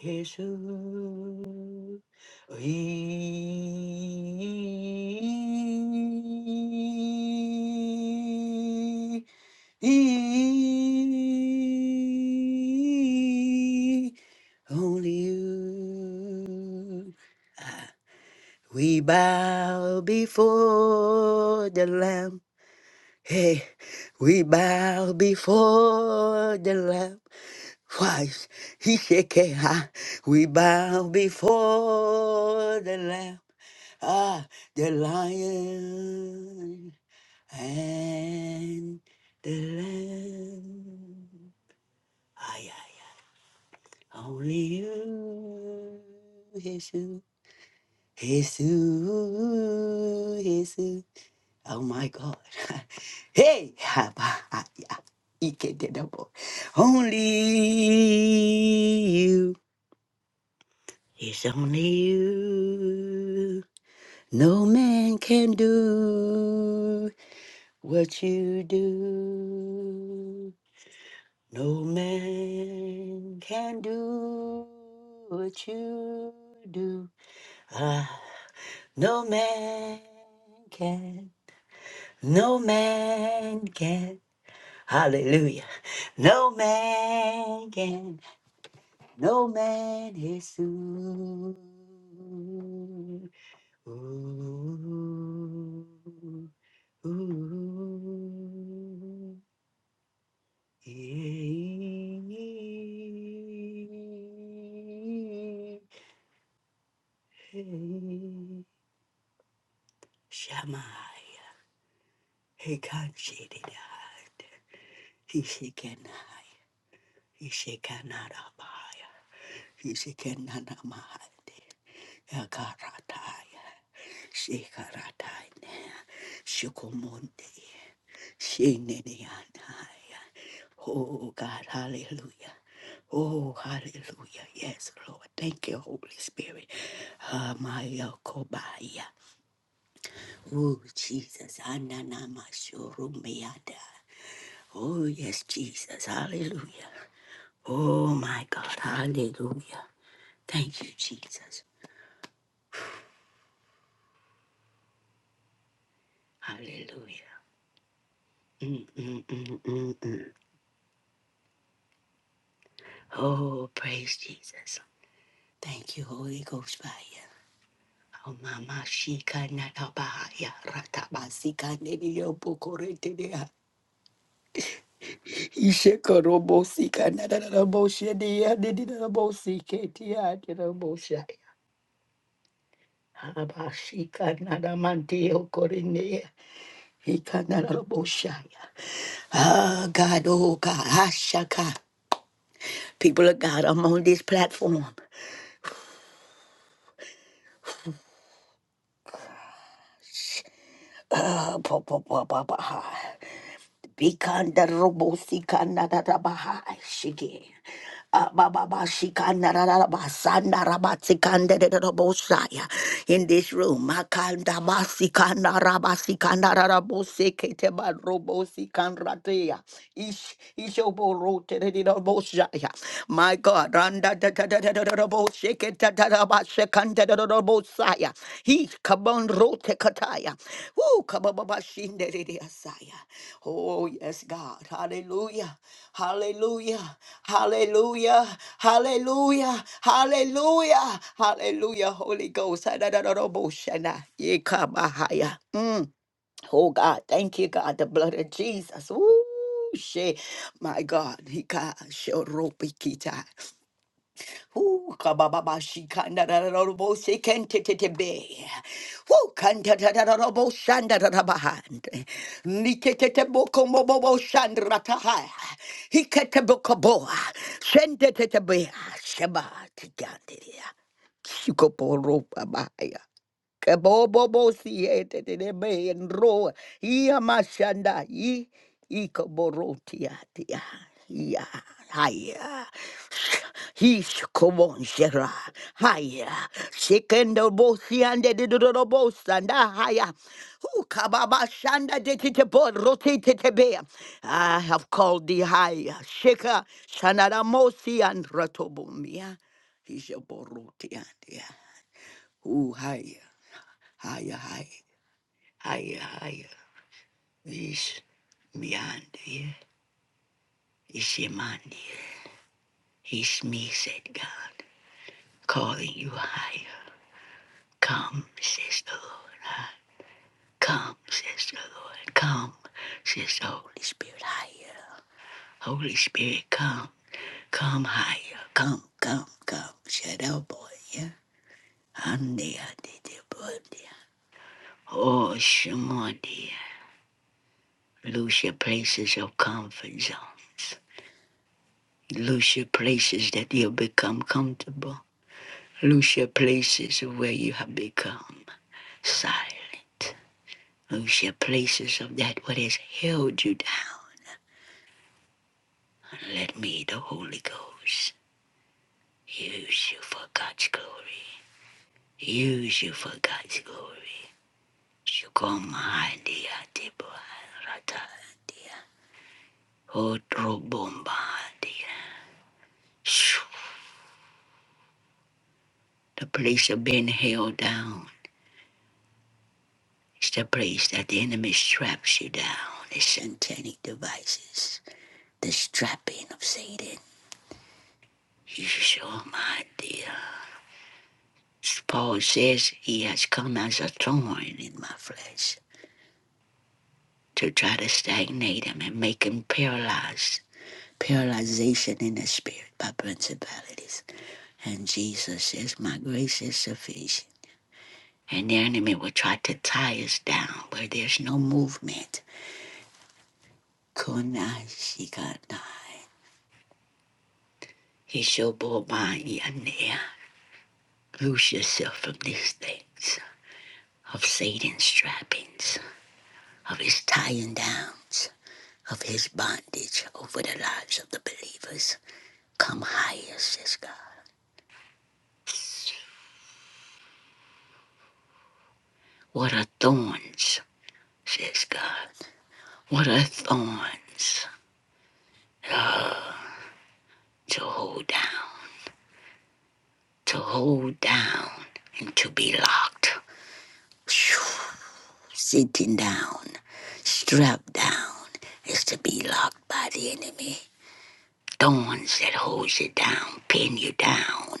[SPEAKER 1] Yeshua, he, he, only you. We bow before the Lamb. Hey, we bow before the Lamb. Why, Ishekeha, we bow before the Lamb, ah, the Lion and the Lamb. Ay, ay, ay. Only you, Jesus, Jesus, Jesus. Oh my God. hey, Abba, ah, yeah. Ike de double. Only you. It's only you. No man can do what you do. No man can do what you do. Ah, no man can. No man can. Hallelujah. No man can. No man is too. Ooh, ooh, yeah. Shamaya. He can't see it. out. He shaken high. He shaken not up high. He shaken not up high. Akarataya. Shikarataya. Shukumunde. Shinaniyanaya. Oh God, hallelujah. Oh, hallelujah. Yes, Lord. Thank you, Holy Spirit. Hamayakobaya. Oh, Jesus. Ananamashurumiada. Oh, yes, Jesus. Hallelujah. Oh, my God. Hallelujah. Thank you, Jesus. Hallelujah. Mm, mm, mm, mm, mm. Oh, praise Jesus. Thank you, Holy Ghost fire. Mama shika na tabaya rataba sika nidio pokore tedea isheka robo sika na na na boshe dia didi na boshe ketia tena boshe haba shika na na mante okore ne hika na na boshe ah God oh God ashaka people of God I'm on this platform ah pa pa pa pa pa ha. Bikanda robo sikanda da da baha shige. Ababa shikanda da da basanda rabatsikanda da da bosaya. In this room, makanda basikanda rabasikanda da da boseke te ba robo sikanda teya. Ish ishobo rote da da bosaya. My God, randa da da da da da da boseke da da da basikanda da da bosaya. He kabon rote kataya. Woo kababa shinde da da saya. Oh, yes, God. Hallelujah. Hallelujah. Hallelujah. Hallelujah. Hallelujah. Hallelujah. Holy Ghost. Ha-da-da-da-da-bo-shana. Yekabahaya. Mm. Oh, God. Thank you, God. The blood of Jesus. Ooh, shit. My God. Hika shorobikita. Ooh, kabababa kanda da da da da bo se kente te te be. Ooh, kanta da da da da bo shanda da da bahand. Nike te te bo kombo bo bo shandra ta ha. Hike te bo kobo. Shende te te be. Sheba te gandiria. Shiko po ropa bahaya. Kebobobo siete de de be en ro. Ia mashanda i ikoborotia tia. Ia haya. Hish komon shera. Haya. Shekendo bosiande de do do bosanda haya. Hu kababa shanda de tite bor roti tite be. I have called thee high. Sheka shanara mosi and ratobumia. Hisha borotia tia. Hu haya higher, higher, higher, higher. Is beyond you. Is Yamandi. Is me, said God, calling you higher. Come, says the Lord. Come, says the Lord. Come, says the Holy Spirit, higher. Holy Spirit, come. Come higher. Come, come, come. Shadow boy, yeah. Ande, ande, de, boy, de. Oh, Shemandi, Lose your places of comfort zones. Lose your places that you have become comfortable. Lose your places where you have become silent. Lose your places of that what has held you down. And let me, the Holy Ghost, use you for God's glory. Use you for God's glory. Shukoma dia tibwa rata dia. Otro bomba dia. Shoo. The place of being held down. It's the place that the enemy straps you down, his satanic devices, the strapping of Satan. He's your my dear. Paul says he has come as a thorn in my flesh to try to stagnate him and make him paralyzed. Paralyzation in the spirit by principalities. And Jesus says, My grace is sufficient. And the enemy will try to tie us down where there's no movement. Kunai shikanai. He shall bore by and near. Loose yourself from these things of Satan's trappings, of his tying downs, of his bondage over the lives of the believers. Come higher, says God. What are thorns, says God? What are thorns to hold down, to hold down, and to be locked? Phew, Sitting down, strapped down, is to be locked by the enemy. The ones that hold you down, pin you down.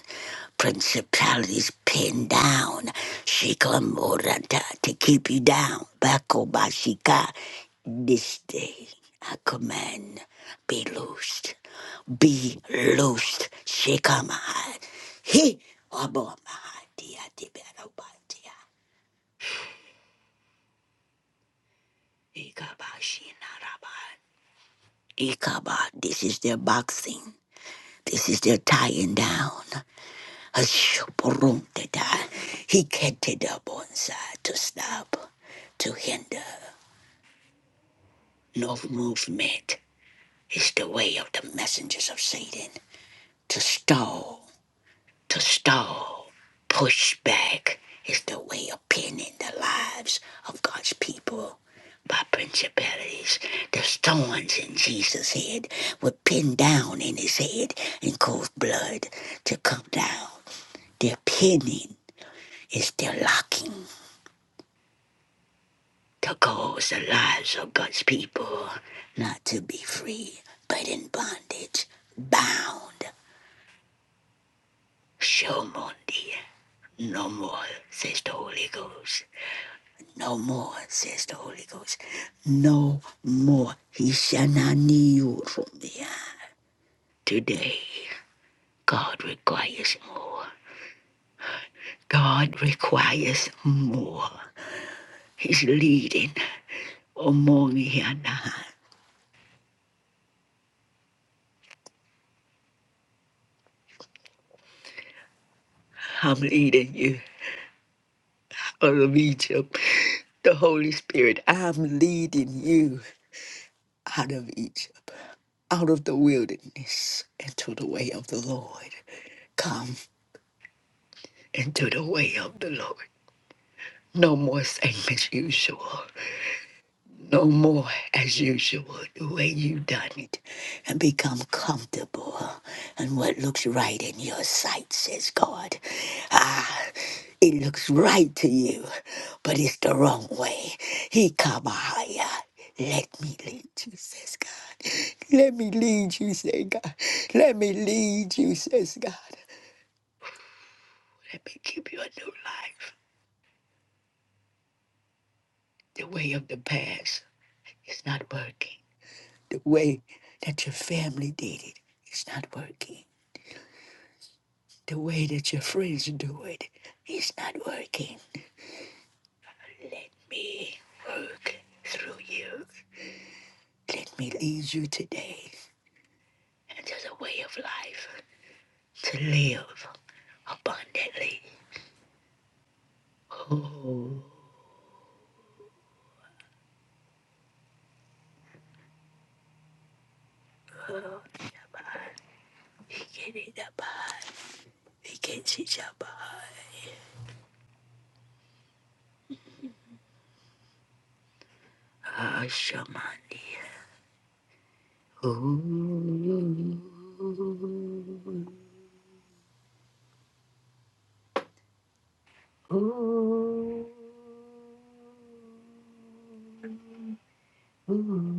[SPEAKER 1] Principalities pinned down. Shikamorata to keep you down. Bakobashika. This day I command be loosed. Be loosed. Shikamahai. He Abomahadia Ikaba, this is their boxing. This is their tying down. Ashoboromteda. He ketted up on side to stop, to hinder. No movement is the way of the messengers of Satan. To stall, to stall, push back is the way of pinning the lives of God's people by principalities. The stones in Jesus' head were pinned down in his head and caused blood to come down. Their pinning is their locking. to cause the lives of God's people not to be free, but in bondage, bound. Show Monday. No more, says the Holy Ghost. No more, says the Holy Ghost. No more. He shall not need you from me. Today, God requires more. God requires more. He's leading. Omong Yana. I'm leading you. out of Egypt. The Holy Spirit, I'm leading you out of Egypt, out of the wilderness, into the way of the Lord. Come into the way of the Lord. No more same as usual. no more as usual the way you done it and become comfortable and what looks right in your sight says god ah it looks right to you but it's the wrong way he come higher let me lead you says god let me lead you Says god let me lead you says god let me give you a new life the way of the past is not working the way that your family did it is not working. The way that your friends do it is not working. Let me work through you. Let me lead you today into the way of life to live abundantly. Oh, he can eat that pie. He can see that pie. Ah, shamandi. Oh. Ooh, ooh, ooh, ooh.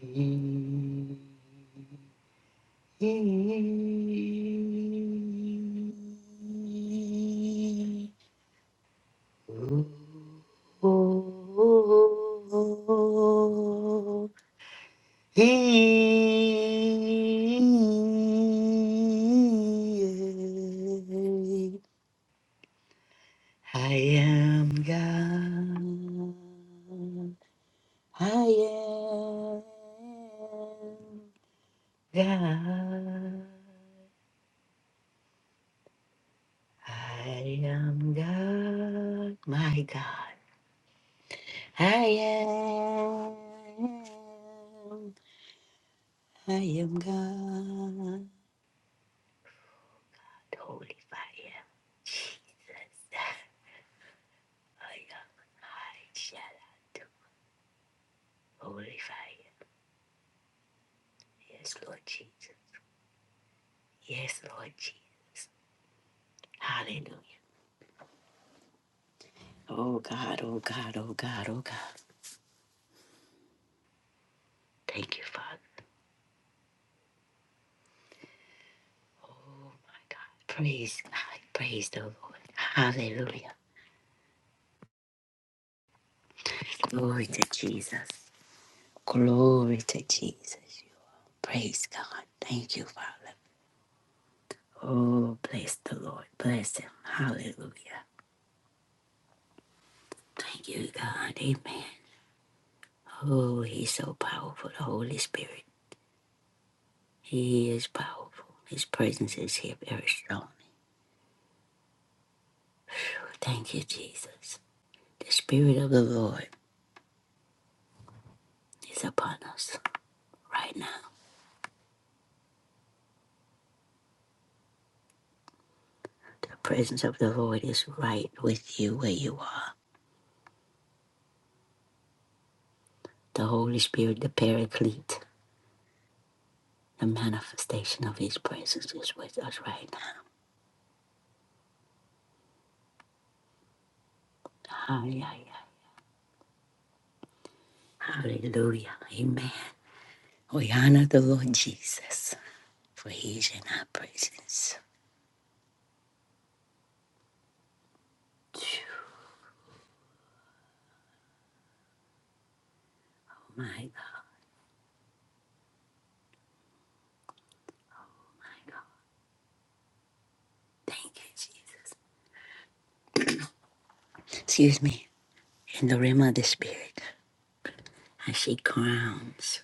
[SPEAKER 1] Mm, mm. I am God. I am God. I am God, my God. I am, I am God. Holy fire, Jesus. I am, I shall do. Holy fire. Yes, Lord Jesus. Yes, Lord Jesus. Hallelujah. Oh God, oh God, oh God, oh God. Thank you, Father. Oh my God. Praise God. Praise the Lord. Hallelujah. Glory to Jesus. Glory to Jesus. You are. Praise God. Thank you, Father. Oh, bless the Lord. Bless him. Hallelujah. Thank you, God. Amen. Oh, he's so powerful, the Holy Spirit. He is powerful. His presence is here very strong. Thank you, Jesus. The Spirit of the Lord is upon us right now. The presence of the Lord is right with you where you are. The Holy Spirit, the Paraclete. The manifestation of His presence is with us right now. Hallelujah. Hallelujah. Amen. We honor the Lord Jesus, for He is in our presence. Phew, My God. Thank you, Jesus. Excuse me. In the realm of the Spirit, I see crowns.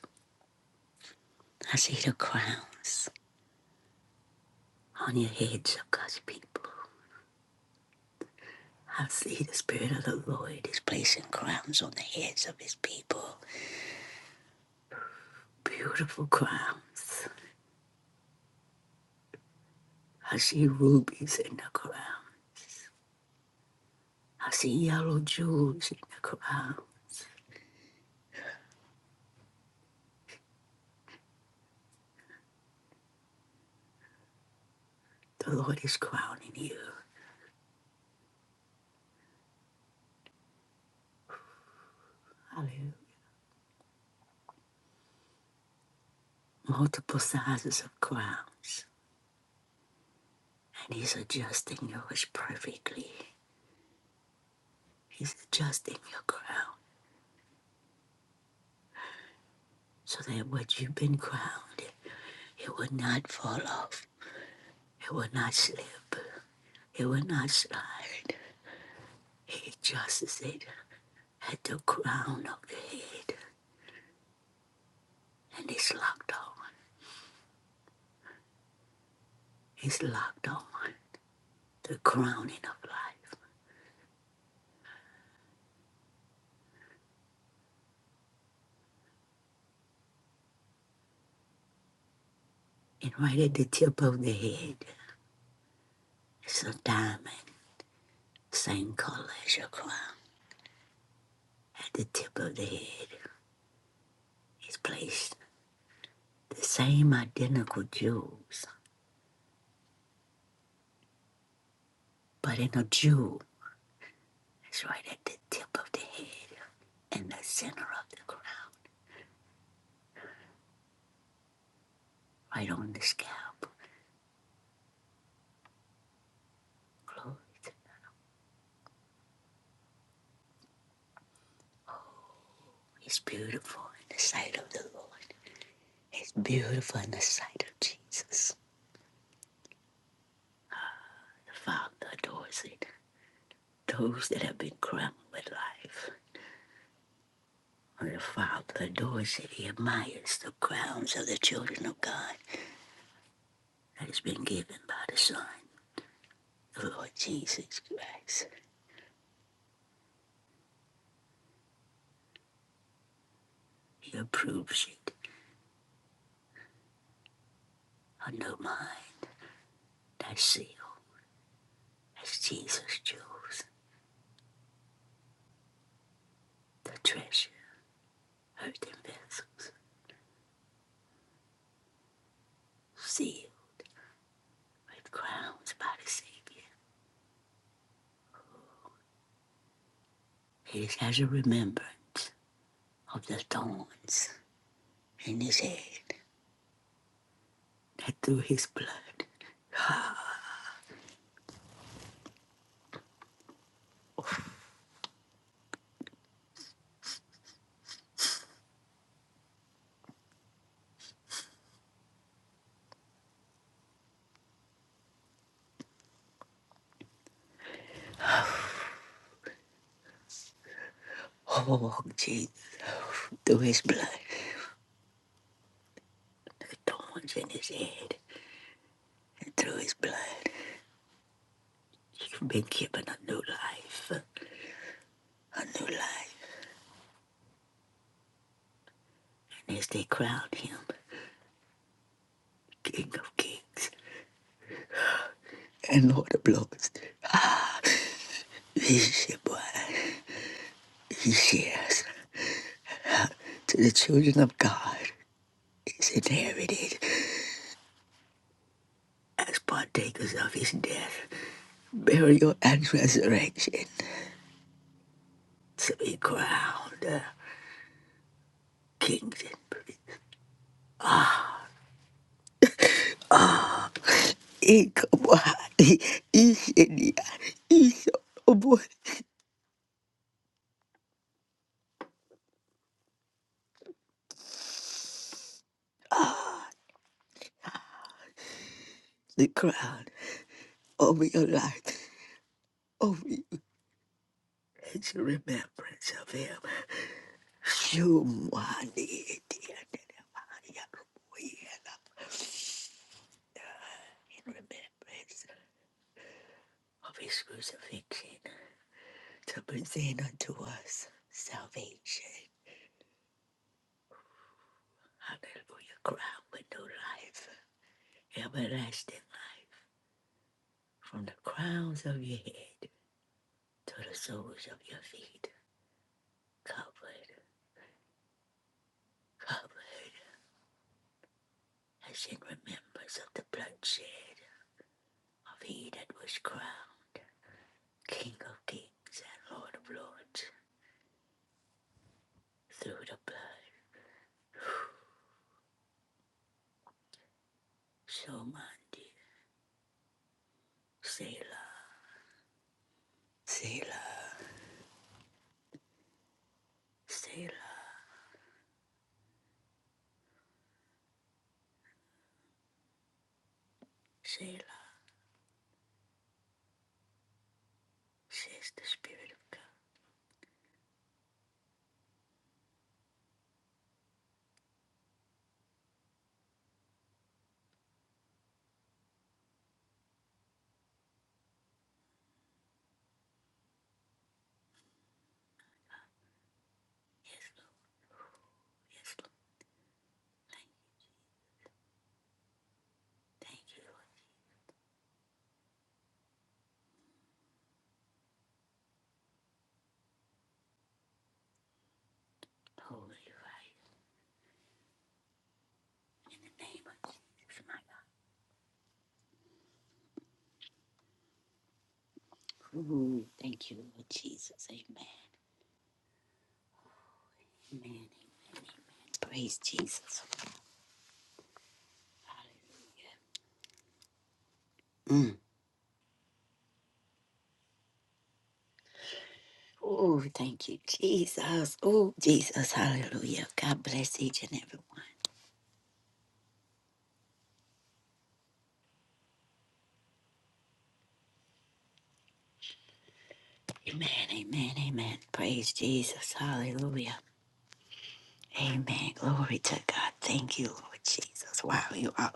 [SPEAKER 1] I see the crowns on your heads of God's people. I see the Spirit of the Lord is placing crowns on the heads of His people. Beautiful crowns. I see rubies in the ground. I see yellow jewels in the crown. The Lord is crowning you. Hallelujah. Multiple sizes of crowns. And He's adjusting yours perfectly. He's adjusting your crown so that what you've been crowned, it will not fall off. It will not slip. It will not slide. He adjusts it at the crown of the head. And it's locked on. It's locked on. the crowning of life. And right at the tip of the head, it's a diamond, same color as your crown. At the tip of the head is placed the same identical jewels, but in a jewel, it's right at the tip of the head in the center of the crown, right on the scalp. Clothed. It's beautiful in the sight of the Lord. It's beautiful in the sight of Jesus. The Father adores it. Those that have been crowned with life of the Father adores it. He admires the crowns of the children of God that has been given by the Son, the Lord Jesus Christ. He approves it. A new mind that seal as Jesus chose the treasure, earthen vessels, sealed with crowns by the Savior. It is as a remembrance of the thorns in his head that through his blood, oh Jesus, through his blood, the thorns in his head And through his blood, you've been given a new life. A new life. And as they crown him King of Kings and Lord of Lords, this blood he shares to the children of God is inherited as partakers of his death, burial, and resurrection to be crowned uh, kings and priests. Ikabahati, Ishidi, Ishobo, ah, The crown. over your life, over you, as you remembrance of him. Shumwani, dear, dear, Maria, we are in remembrance of his crucifixion to present unto us salvation. Hallelujah, crown with new life, everlasting life, from the crowns of your head to the soles of your feet, covered, covered, as in remembrance of the bloodshed of he that was crowned. King of kings and Lord of lords, through the blood, so mighty, Selah, Selah, Selah, Selah, says the Spirit of God. Yes, Lord, yes, Lord. Thank you, Lord. Holy right, in the name of Jesus, my God. Ooh, thank you, Lord Jesus. Amen. Amen. Praise Jesus. Hallelujah. Mm. Oh, thank you, Jesus. Oh, Jesus. Hallelujah. God bless each and every one. Amen, amen, amen. Praise Jesus. Hallelujah. Amen. Glory to God. Thank you, Lord Jesus. Wow, you are.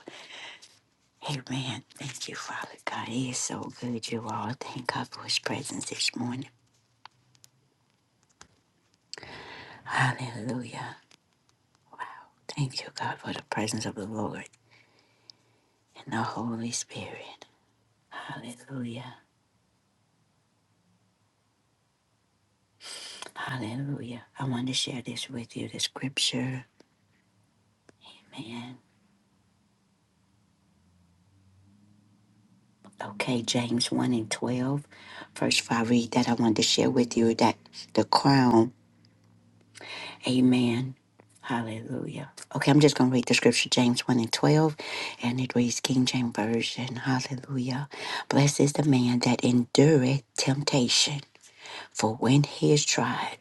[SPEAKER 1] Amen. Thank you, Father God. He is so good, you all. Thank God for his presence this morning. Hallelujah. Wow. Thank you, God, for the presence of the Lord and the Holy Spirit. Hallelujah. Hallelujah. I want to share this with you, the scripture. Man. Okay, James 1 and 12. First, if I read that, I wanted to share with you that the crown, amen. Hallelujah. Okay, I'm just going to read the scripture, James 1 and 12, and it reads King James Version. Hallelujah. Blessed is the man that endureth temptation, for when he is tried,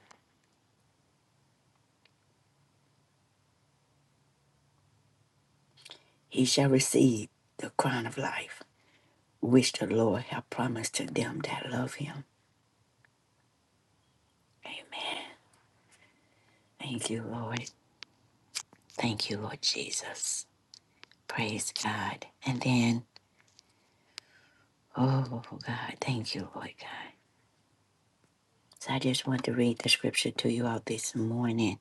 [SPEAKER 1] he shall receive the crown of life, which the Lord hath promised to them that love him. Amen. Thank you, Lord. Thank you, Lord Jesus. Praise God. And then, oh God, thank you, Lord God. So I just want to read the scripture to you all this morning.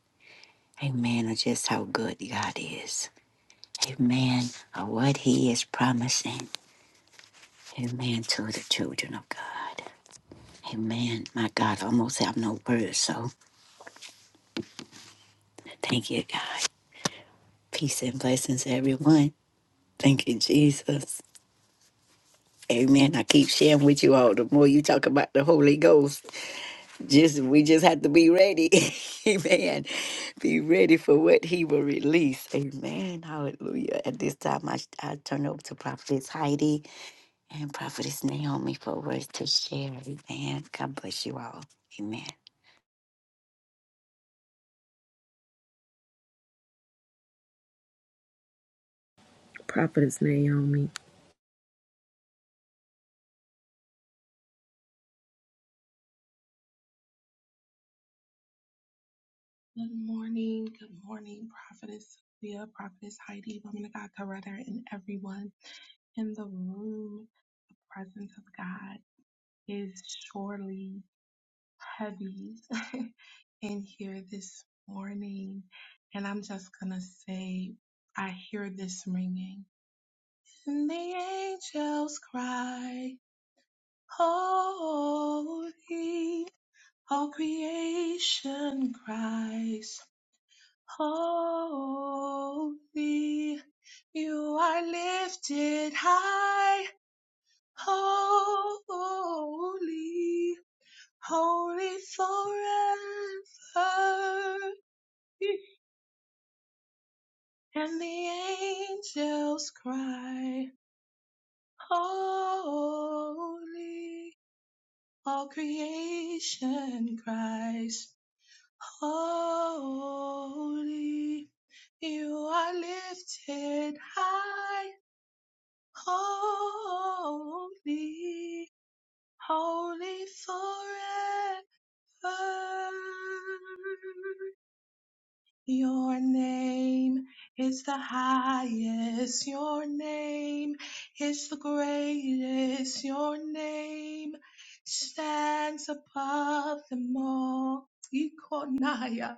[SPEAKER 1] Amen. Of just how good God is. Amen. Of what He is promising. Amen to the children of God. Amen. My God, I almost have no words. So thank you, God. Peace and blessings, everyone. Thank you, Jesus. Amen. I keep sharing with you all. The more you talk about the Holy Ghost, Just we just have to be ready. Amen. Be ready for what he will release. Amen. Hallelujah. At this time I, I turn over to Prophetess Heidi and Prophetess Naomi for words to share. Amen. God bless you all. Amen.
[SPEAKER 3] Good morning, good morning, Prophetess Leah, Prophetess Heidi, Woman of God, Coretta, and everyone in the room. The presence of God is surely heavy in here this morning. And I'm just going to say, I hear this ringing. And the angels cry, Holy. All creation cries, Holy, you are lifted high. Holy, holy forever. And the angels cry, Holy. All creation cries, Holy. You are lifted high. holy, holy forever. Your name is the highest. Your name is the greatest. Your name stands above them all. Ikonaya.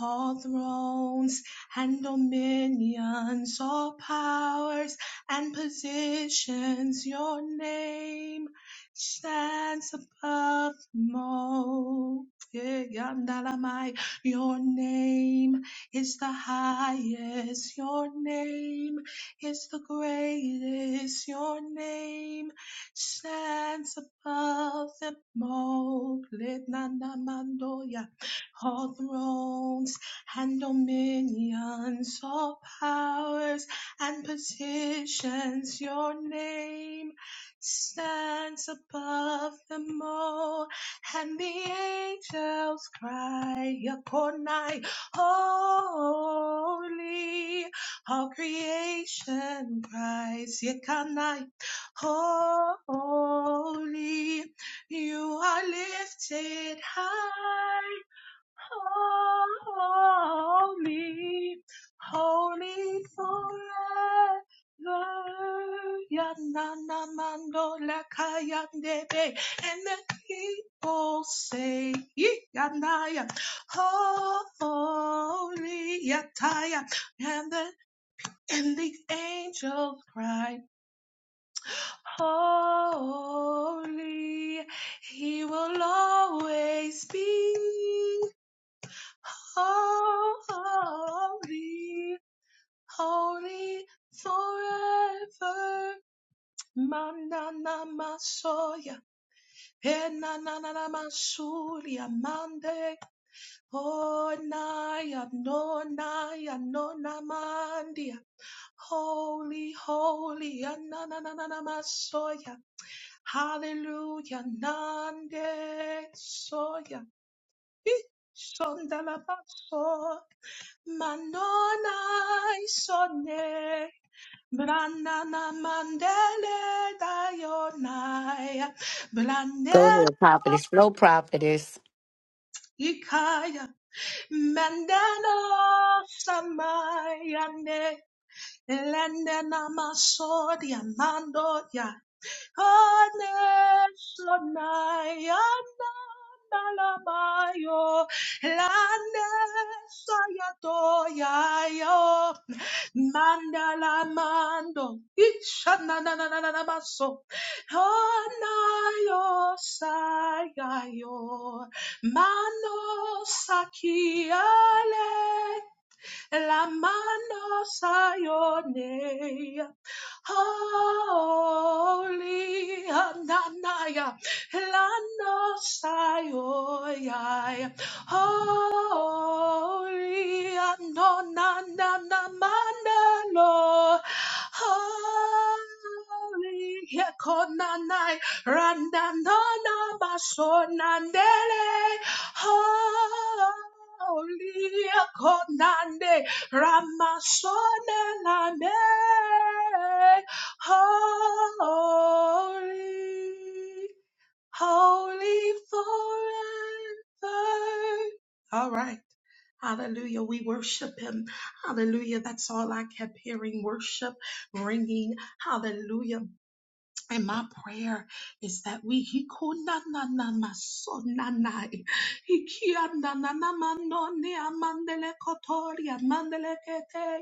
[SPEAKER 3] All thrones and dominions, all powers and positions, your name stands above them all. Yeah, your name is the highest. Your name is the greatest. Your name stands above them all. Plenanamandoya. All thrones and dominions, all powers and positions. Your name stands above them all and the angels cry upon night, holy. All creation cries, yet can I, holy. You are lifted high Holy, holy forever. Yanana mando lakayandebe. And the people say, Yanaya, holy, Yataya. And the, and the angels cry, Holy, he will always be. Holy, holy forever. Manana masoya. Enanana masuria mande. Oh, naya, no Onaya, nonaya, nonamandia. Holy, holy, ananana masoya. Hallelujah, nande soya. Shondalabaso, Manonai sonne, Branana mandele dayonai,
[SPEAKER 1] Go
[SPEAKER 3] Branel
[SPEAKER 1] ahead, prophetess. No prophetess.
[SPEAKER 3] ikaya, Mandela samayane, Lendena masodia mando Nalabayo, Lande Sayato Yayo, Mandala Mando, Ishananananamaso, Honayo Sayayo, Mano Sakiale la mano sayone holy ananaya la no sayoya holy ananana mandalo holy yekonanai Randandana basonandele. Holy konande. Ramasone Holy, holy forever. All right. Hallelujah. We worship him. Hallelujah. That's all I kept hearing. Worship, ringing. Hallelujah. And my prayer is that we he na na na maso na na e. he kia na na na manone amandele kotoria mandele kete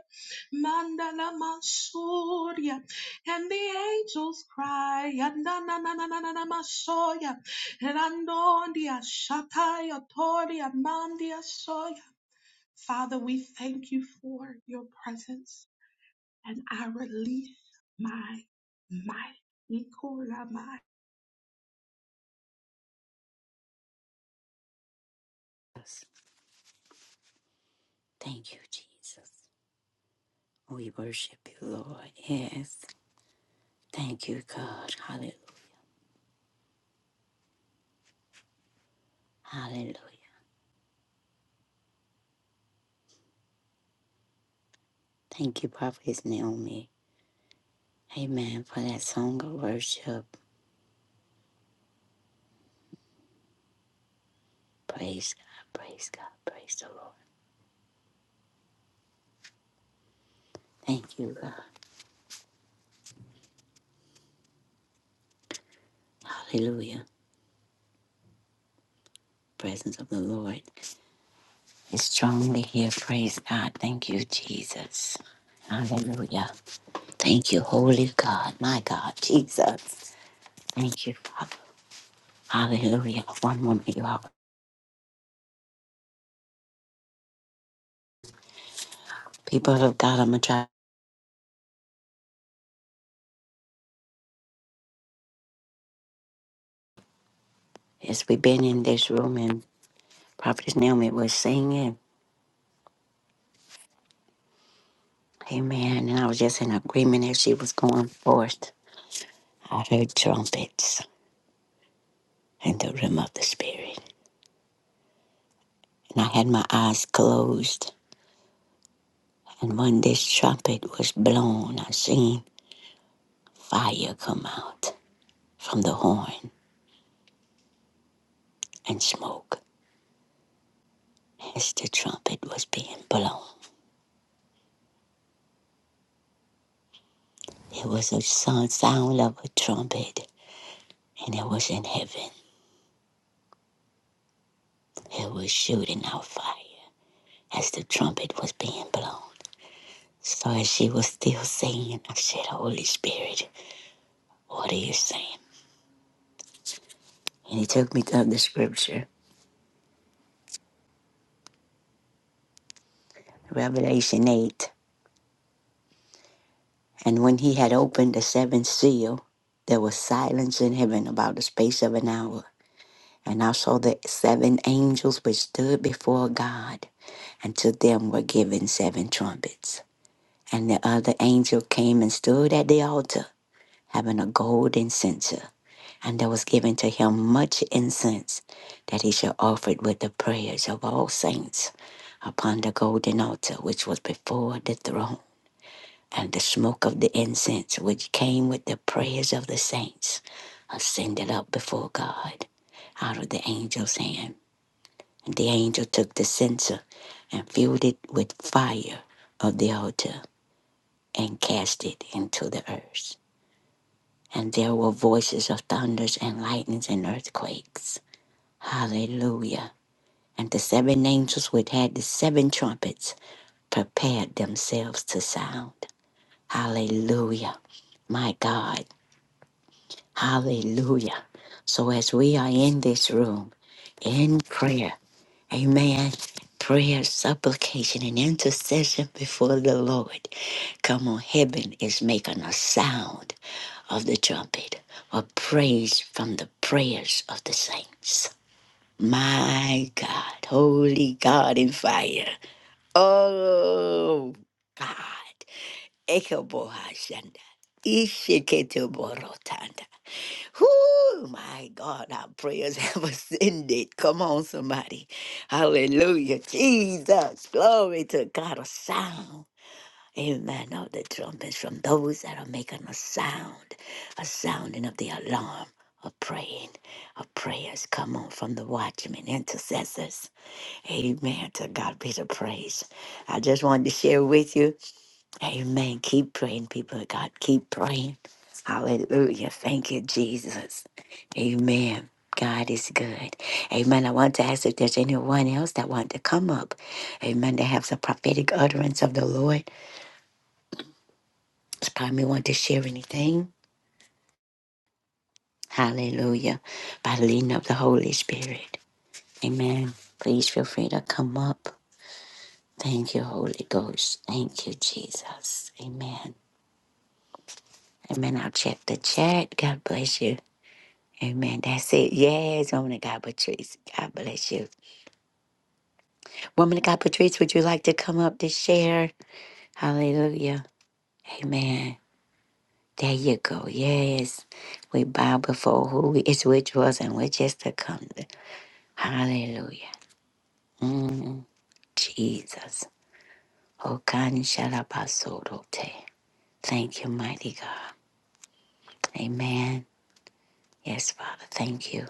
[SPEAKER 3] mandala mansoria and the angels cry and na na na na na na na masoya and anondia shataya toria mandia soya Father, we thank you for your presence and I release my might. Ikora my
[SPEAKER 1] Thank you, Jesus. We worship you, Lord. Yes. Thank you, God. Hallelujah. Hallelujah. Thank you, Prophetess Naomi. Amen. For that song of worship. Praise God, praise God, praise the Lord. Thank you, God. Hallelujah. Presence of the Lord is strongly here. Praise God. Thank you, Jesus. Hallelujah. Thank you, Holy God. My God, Jesus. Thank you, Father. Hallelujah. One moment, you all. People of God, I'm going to try. As we've been in this room and Prophetess Naomi was singing, Amen. And I was just in agreement as she was going forth. I heard trumpets in the realm of the Spirit. and I had my eyes closed. And when this trumpet was blown, I seen fire come out from the horn and smoke as the trumpet was being blown. It was a sound of a trumpet, and it was in heaven. It was shooting out fire as the trumpet was being blown. So as she was still singing, I said, Holy Spirit, what are you saying? And he took me to the scripture, Revelation 8. And when he had opened the seventh seal, there was silence in heaven about the space of an hour. And I saw the seven angels which stood before God, and to them were given seven trumpets. And the other angel came and stood at the altar, having a golden censer. And there was given to him much incense, that he should offer it with the prayers of all saints upon the golden altar which was before the throne and the smoke of the incense which came with the prayers of the saints ascended up before God out of the angel's hand. And the angel took the censer and filled it with fire of the altar and cast it into the earth. And there were voices of thunders and lightnings and earthquakes. Hallelujah. And the seven angels which had the seven trumpets prepared themselves to sound. Hallelujah. My God Hallelujah. So as we are in this room in prayer, amen. Prayer, supplication, and intercession before the Lord. Come on, heaven is making a sound of the trumpet, a praise from the prayers of the saints. My God, holy God in fire. Oh, God. Ekabohashanda. Ishiketuborotanda. Whoo, my God, our prayers have ascended. Come on, somebody. Hallelujah. Jesus. Glory to God. A sound. Amen. Of the trumpets from those that are making a sound, a sounding of the alarm. Of praying, of prayers come on from the watchmen, intercessors. Amen. To God be the praise. I just wanted to share with you. Amen. Keep praying, people of God. Keep praying. Hallelujah. Thank you, Jesus. Amen. God is good. Amen. I want to ask if there's anyone else that want to come up. Amen. That have some prophetic utterance of the Lord. Just probably want to share anything. Hallelujah. By the leading of the Holy Spirit. Amen. Please feel free to come up. Thank you, Holy Ghost. Thank you, Jesus. Amen. Amen. I'll check the chat. God bless you. Amen. That's it. Yes, woman of God, Patrice. God bless you. Woman of God, Patrice, would you like to come up to share? Hallelujah. Amen. There you go. Yes. We bow before who we- is which was and which is to come. Hallelujah. Mm, Jesus. Oh, God, Shalabasorote. Thank you, mighty God. Amen. Yes, Father. Thank you.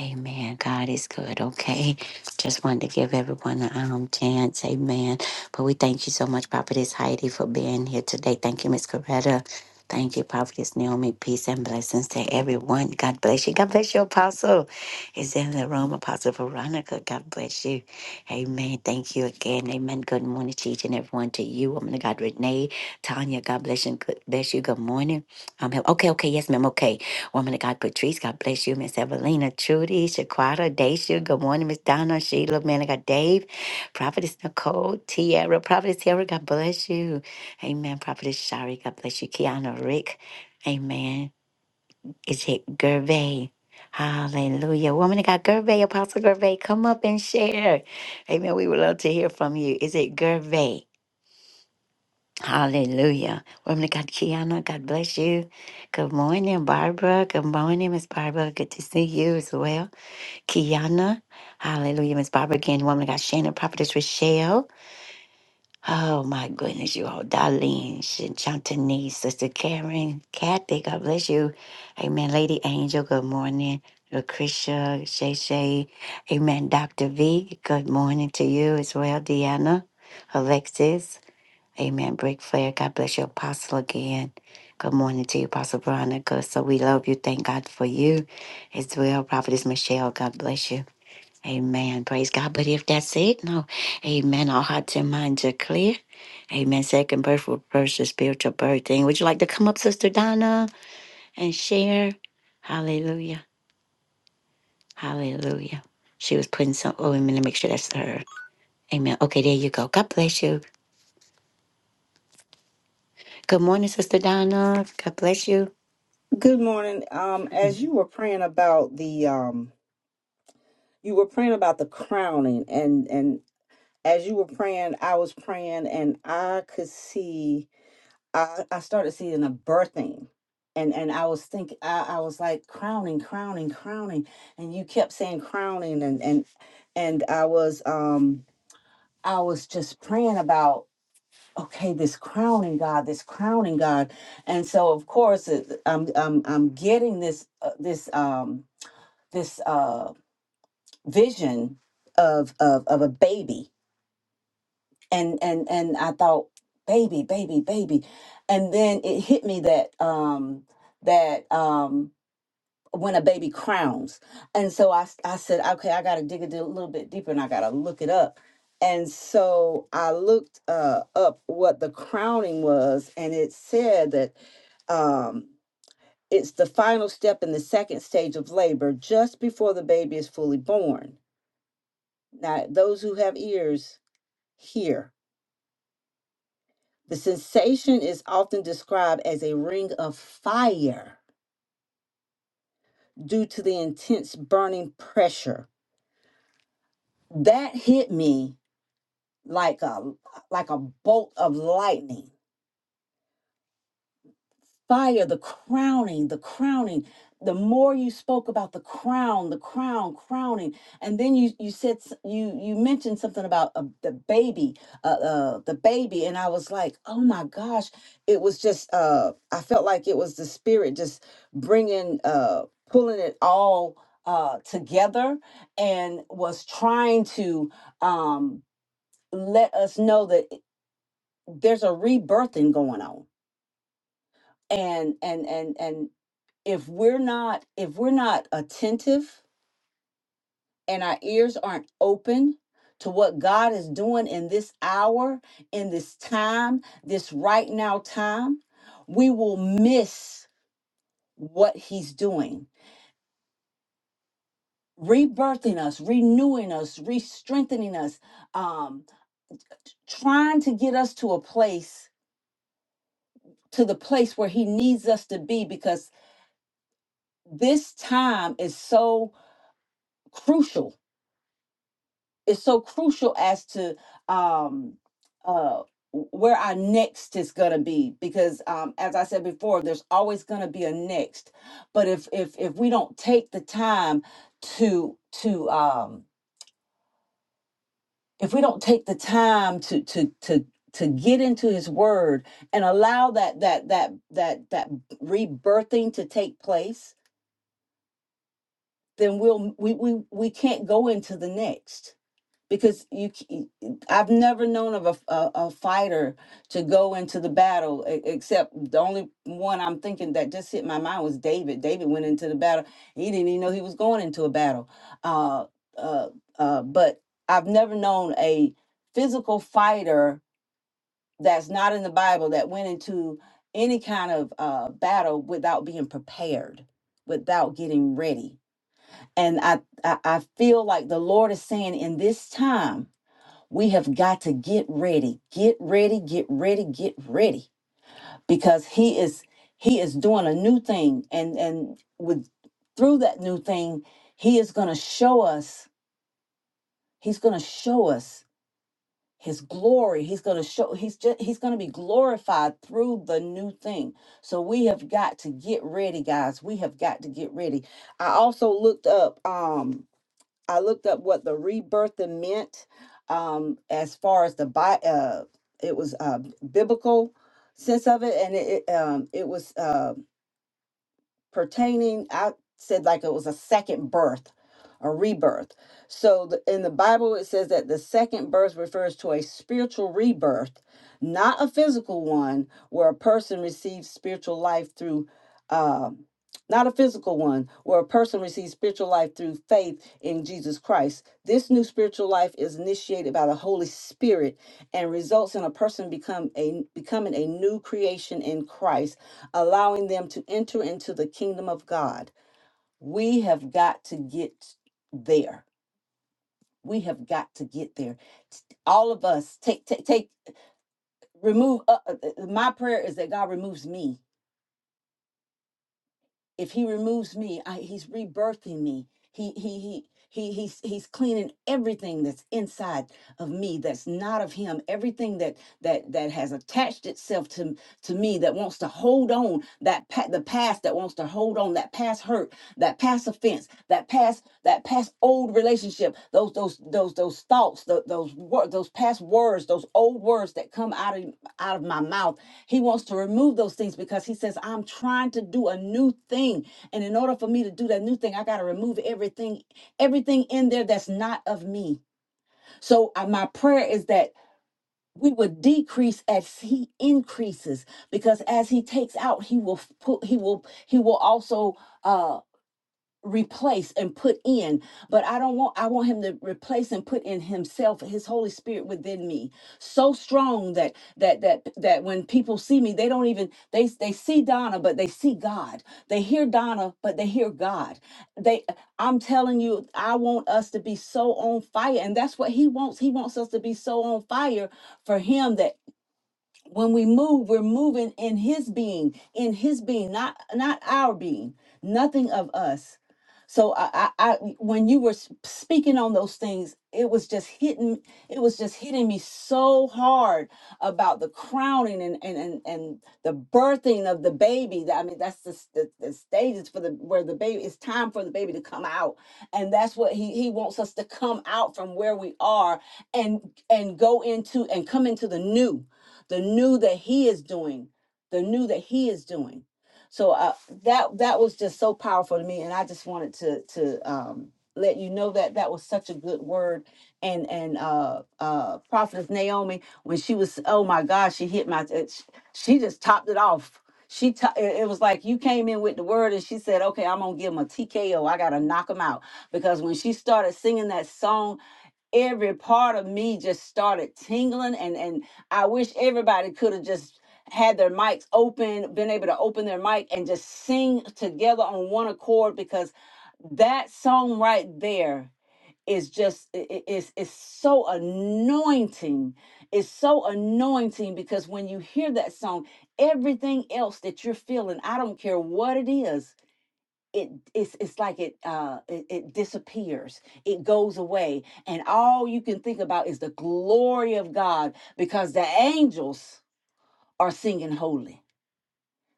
[SPEAKER 1] Amen. God is good. Okay. Just wanted to give everyone a um, chance. Amen. But we thank you so much, Prophetess Heidi, for being here today. Thank you, Miss Coretta. Thank you, Prophetess Naomi. Peace and blessings to everyone. God bless you. God bless you, Apostle. Is in the room, Apostle Veronica. God bless you. Amen. Thank you again. Amen. Good morning to each and everyone. To you, woman of God, Renee, Tanya. God bless you. Good bless you. Good morning. Um, okay, okay. Yes, ma'am. Okay. Woman of God, Patrice, God bless you. Miss Evelina, Trudy, Shaquata, Dacia, good morning, Miss Donna, Sheila, man of God, Dave, Prophetess Nicole, Tiara, Prophetess Tiara, God bless you. Amen. Prophetess Shari, God bless you. Kiana, Rick, amen. Is it Gervais? Hallelujah. Woman of God, Gervais, Apostle Gervais, come up and share. Amen. We would love to hear from you. Is it Gervais? Hallelujah. Woman of God, Kiana, God bless you. Good morning, Barbara. Good morning, Miss Barbara. Good to see you as well. Kiana, hallelujah, Miss Barbara again. Woman of God, Shannon, Prophetess Rochelle. Oh, my goodness, you all. Darlene, Shan- Chantanese, Sister Karen, Kathy, God bless you. Amen. Lady Angel, good morning. Lucretia, Shay Shay. Amen. Dr. V, good morning to you as well. Deanna, Alexis. Amen. Break flair. God bless your apostle again. Good morning to you, Apostle Veronica. So we love you. Thank God for you as well. Prophetess Michelle, God bless you. Amen. Praise God. But if that's it, no. Amen. Our hearts and minds are clear. Amen. Second birth will spiritual birth Would you like to come up, Sister Donna, and share? Hallelujah. Hallelujah. She was putting some oh, let me make sure that's her. Amen. Okay, there you go. God bless you. Good morning, Sister Donna. God bless you.
[SPEAKER 4] Good morning. Um, as you were praying about the um, you were praying about the crowning, and and as you were praying, I was praying, and I could see, I I started seeing a birthing, and and I was thinking, I I was like crowning, crowning, crowning, and you kept saying crowning, and and and I was um I was just praying about okay this crowning God, this crowning God, and so of course it, I'm I'm I'm getting this uh, this um. this uh vision of of of a baby and and and I thought baby baby baby and then it hit me that um that um when a baby crowns and so I s- I said okay I got to dig it a di- little bit deeper and I got to look it up and so I looked uh up what the crowning was and it said that um it's the final step in the second stage of labor just before the baby is fully born Now, those who have ears, hear. The sensation is often described as a ring of fire due to the intense burning pressure. That hit me like a like a bolt of lightning fire, the crowning, the crowning. The more you spoke about the crown, the crown, crowning, and then you you said s- you you mentioned something about uh, the baby, uh, uh, the baby, and I was like, oh my gosh, it was just uh, I felt like it was the spirit just bringing, uh, pulling it all uh, together, and was trying to um, let us know that it- there's a rebirthing going on and and and and if we're not if we're not attentive and our ears aren't open to what God is doing in this hour, in this time, this right now time, we will miss what he's doing. Rebirthing us, renewing us, re-strengthening us, um, trying to get us to a place, to the place where he needs us to be, because this time is so crucial is so crucial as to um uh where our next is going to be because um as i said before there's always going to be a next but if if if we don't take the time to to um if we don't take the time to to to to get into his word and allow that that that that that rebirthing to take place then we'll we we, we can't go into the next because you c- I've never known of a a a fighter to go into the battle e- except the only one I'm thinking that just hit my mind was David. David went into the battle. He didn't even know he was going into a battle. Uh, uh, uh, but I've never known a physical fighter that's not in the Bible that went into any kind of uh, battle without being prepared, without getting ready. And I, I, I feel like the Lord is saying in this time, we have got to get ready, get ready, get ready, get ready, because he is he is doing a new thing, and and with through that new thing, he is going to show us. He's going to show us his glory. He's going to show. He's just he's going to be glorified through the new thing. So we have got to get ready, guys. We have got to get ready. I also looked up. Um, I looked up what the rebirthing meant um, as far as the bi- uh, it was uh, biblical sense of it, and it it, um, it was. uh, pertaining i said like it was a second birth a rebirth so the, in the bible it says that the second birth refers to a spiritual rebirth not a physical one where a person receives spiritual life through um not a physical one where a person receives spiritual life through faith in jesus christ this new spiritual life is initiated by the holy spirit and results in a person become a becoming a new creation in christ allowing them to enter into the kingdom of God. We have got to get there. We have got to get there. All of us take take take remove uh, uh, uh, my prayer is that God removes me if he removes me I, he's rebirthing me he he he he he's he's cleaning everything that's inside of me that's not of him everything that that that has attached itself to to me that wants to hold on that pa- the past that wants to hold on that past hurt that past offense that past that past old relationship those those those those thoughts those those, wor- those past words those old words that come out of out of my mouth he wants to remove those things because he says, I'm trying to do a new thing. And in order for me to do that new thing, I got to remove everything, everything in there that's not of me. So uh, my prayer is that we would decrease as he increases because as he takes out he will put he will he will also uh, replace and put in but i don't want i want him to replace and put in himself his holy spirit within me so strong that that that that when people see me they don't even they they see donna but they see god they hear donna but they hear god they i'm telling you i want us to be so on fire and that's what he wants he wants us to be so on fire for him that when we move we're moving in his being in his being not not our being nothing of us so i i, I when you were s- speaking on those things it was just hitting it was just hitting me so hard about the crowning and and and, and the birthing of the baby That- i mean that's the, s- the, the stages for the where the baby it's time for the baby to come out and that's what he he wants us to come out from where we are and and go into and come into the new the new that he is doing, the new that he is doing. So uh, that that was just so powerful to me, and I just wanted to to um, let you know that that was such a good word. And and uh, uh, prophetess Naomi, when she was, oh my God, she hit my, it, she just topped it off. She t- it it was like you came in with the word, and she said, "Okay, I'm gonna give him a TKO. I gotta knock him out." Because when she started singing that song every part of me just started tingling and and I wish everybody could have just had their mics open, been able to open their mic and just sing together on one accord because that song right there is just it is it's so anointing. It's so anointing because when you hear that song, everything else that you're feeling, I don't care what it is, it it's it's like it uh it, it disappears it goes away and all you can think about is the glory of god because the angels are singing holy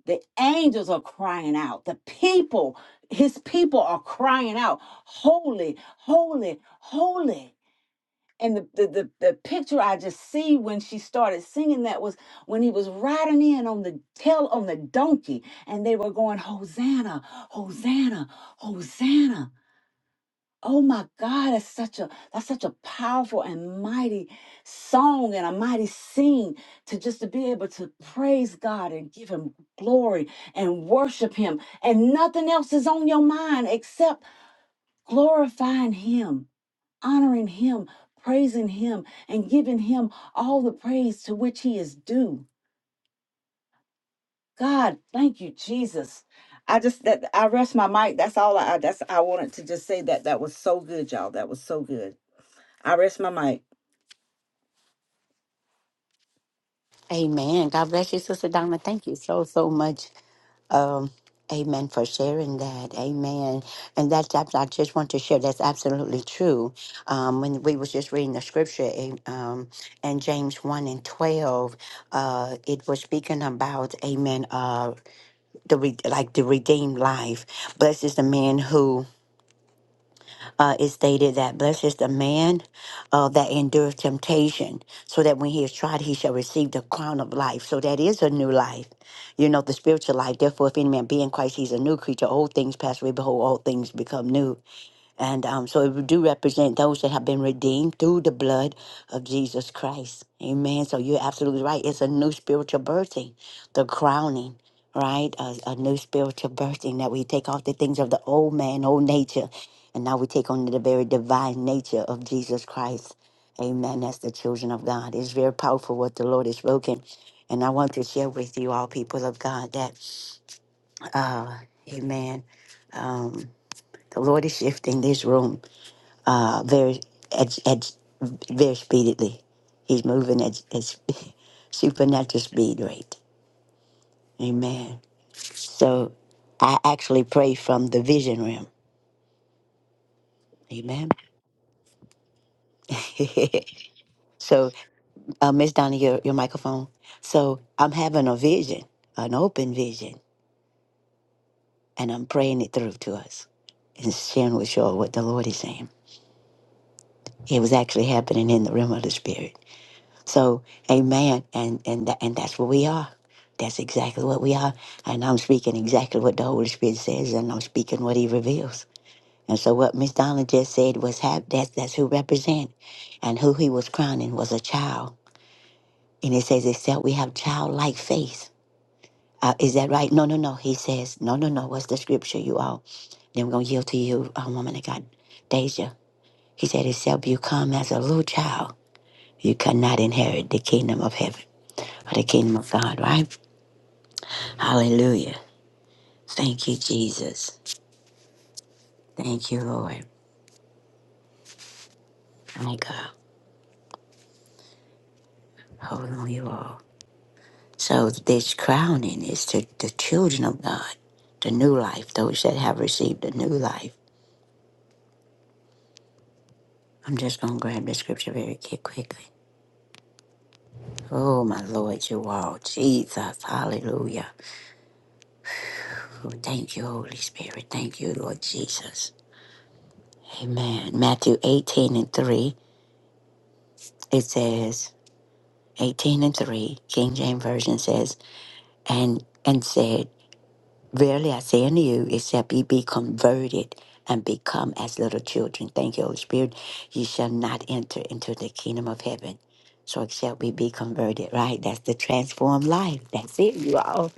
[SPEAKER 4] the angels are crying out the people his people are crying out holy holy holy and the, the, the, the picture I just see when she started singing that was when he was riding in on the tail on the donkey and they were going, Hosanna, Hosanna, Hosanna. Oh my God, that's such a that's such a powerful and mighty song and a mighty scene to just to be able to praise God and give him glory and worship him. And nothing else is on your mind except glorifying him, honoring him, praising him, and giving him all the praise to which he is due. God, thank you, Jesus. I just that I rest my mic. That's all I that's I wanted to just say that that was so good, y'all. That was so good. I rest my mic.
[SPEAKER 1] Amen. God bless you, Sister Donna. Thank you so, so much. Um, amen for sharing that. Amen. And that's, abs- I just want to share, that's absolutely true. Um, when we was just reading the scripture in, um, in James 1 and 12, uh, it was speaking about, amen, uh, the re- like the redeemed life. Blessed is the man who uh, it stated that blessed is the man uh, that endures temptation, so that when he is tried, he shall receive the crown of life. So that is a new life, you know, the spiritual life. Therefore, if any man be in Christ, he's a new creature. Old things pass away, behold, all things become new. And um, so it do represent those that have been redeemed through the blood of Jesus Christ. Amen. So you're absolutely right. It's a new spiritual birthing, the crowning, right? A, a new spiritual birthing that we take off the things of the old man, old nature, and now we take on the very divine nature of Jesus Christ. Amen. That's the children of God. It's very powerful what the Lord has spoken. And I want to share with you all, people of God, that, uh, amen. Um, the Lord is shifting this room uh, very at, at very speedily. He's moving at, at supernatural speed rate. Amen. So I actually pray from the vision realm. Amen. so, uh, Miss Donna, your, your microphone. So I'm having a vision, an open vision, and I'm praying it through to us and sharing with you all what the Lord is saying. It was actually happening in the realm of the spirit. So, amen. And and tha- and that's what we are. That's exactly what we are. And I'm speaking exactly what the Holy Spirit says, and I'm speaking what He reveals. And so, what Miss Donna just said was hap- that's that's who represent, and who He was crowning was a child. And it says, except we have childlike faith. Uh, is that right? No, no, no. He says, no, no, no. What's the scripture, you all? Then we're gonna yield to you, uh, woman of God, Deja. He said, except you come as a little child, you cannot inherit the kingdom of heaven or the kingdom of God. Right? Hallelujah. Thank you, Jesus. Thank you, Lord. My God. Hold on, you all. So, this crowning is to the children of God, the new life, those that have received the new life. I'm just going to grab the scripture very qui- quickly. Oh, my Lord, you all. Jesus. Hallelujah. Oh, thank you, Holy Spirit. Thank you, Lord Jesus. Amen. Matthew 18 and 3, it says, 18 and 3, King James Version says, and and said, Verily I say unto you, except ye be converted and become as little children, thank you, Holy Spirit, ye shall not enter into the kingdom of heaven. So except we be converted, right? That's the transformed life. That's it, you all.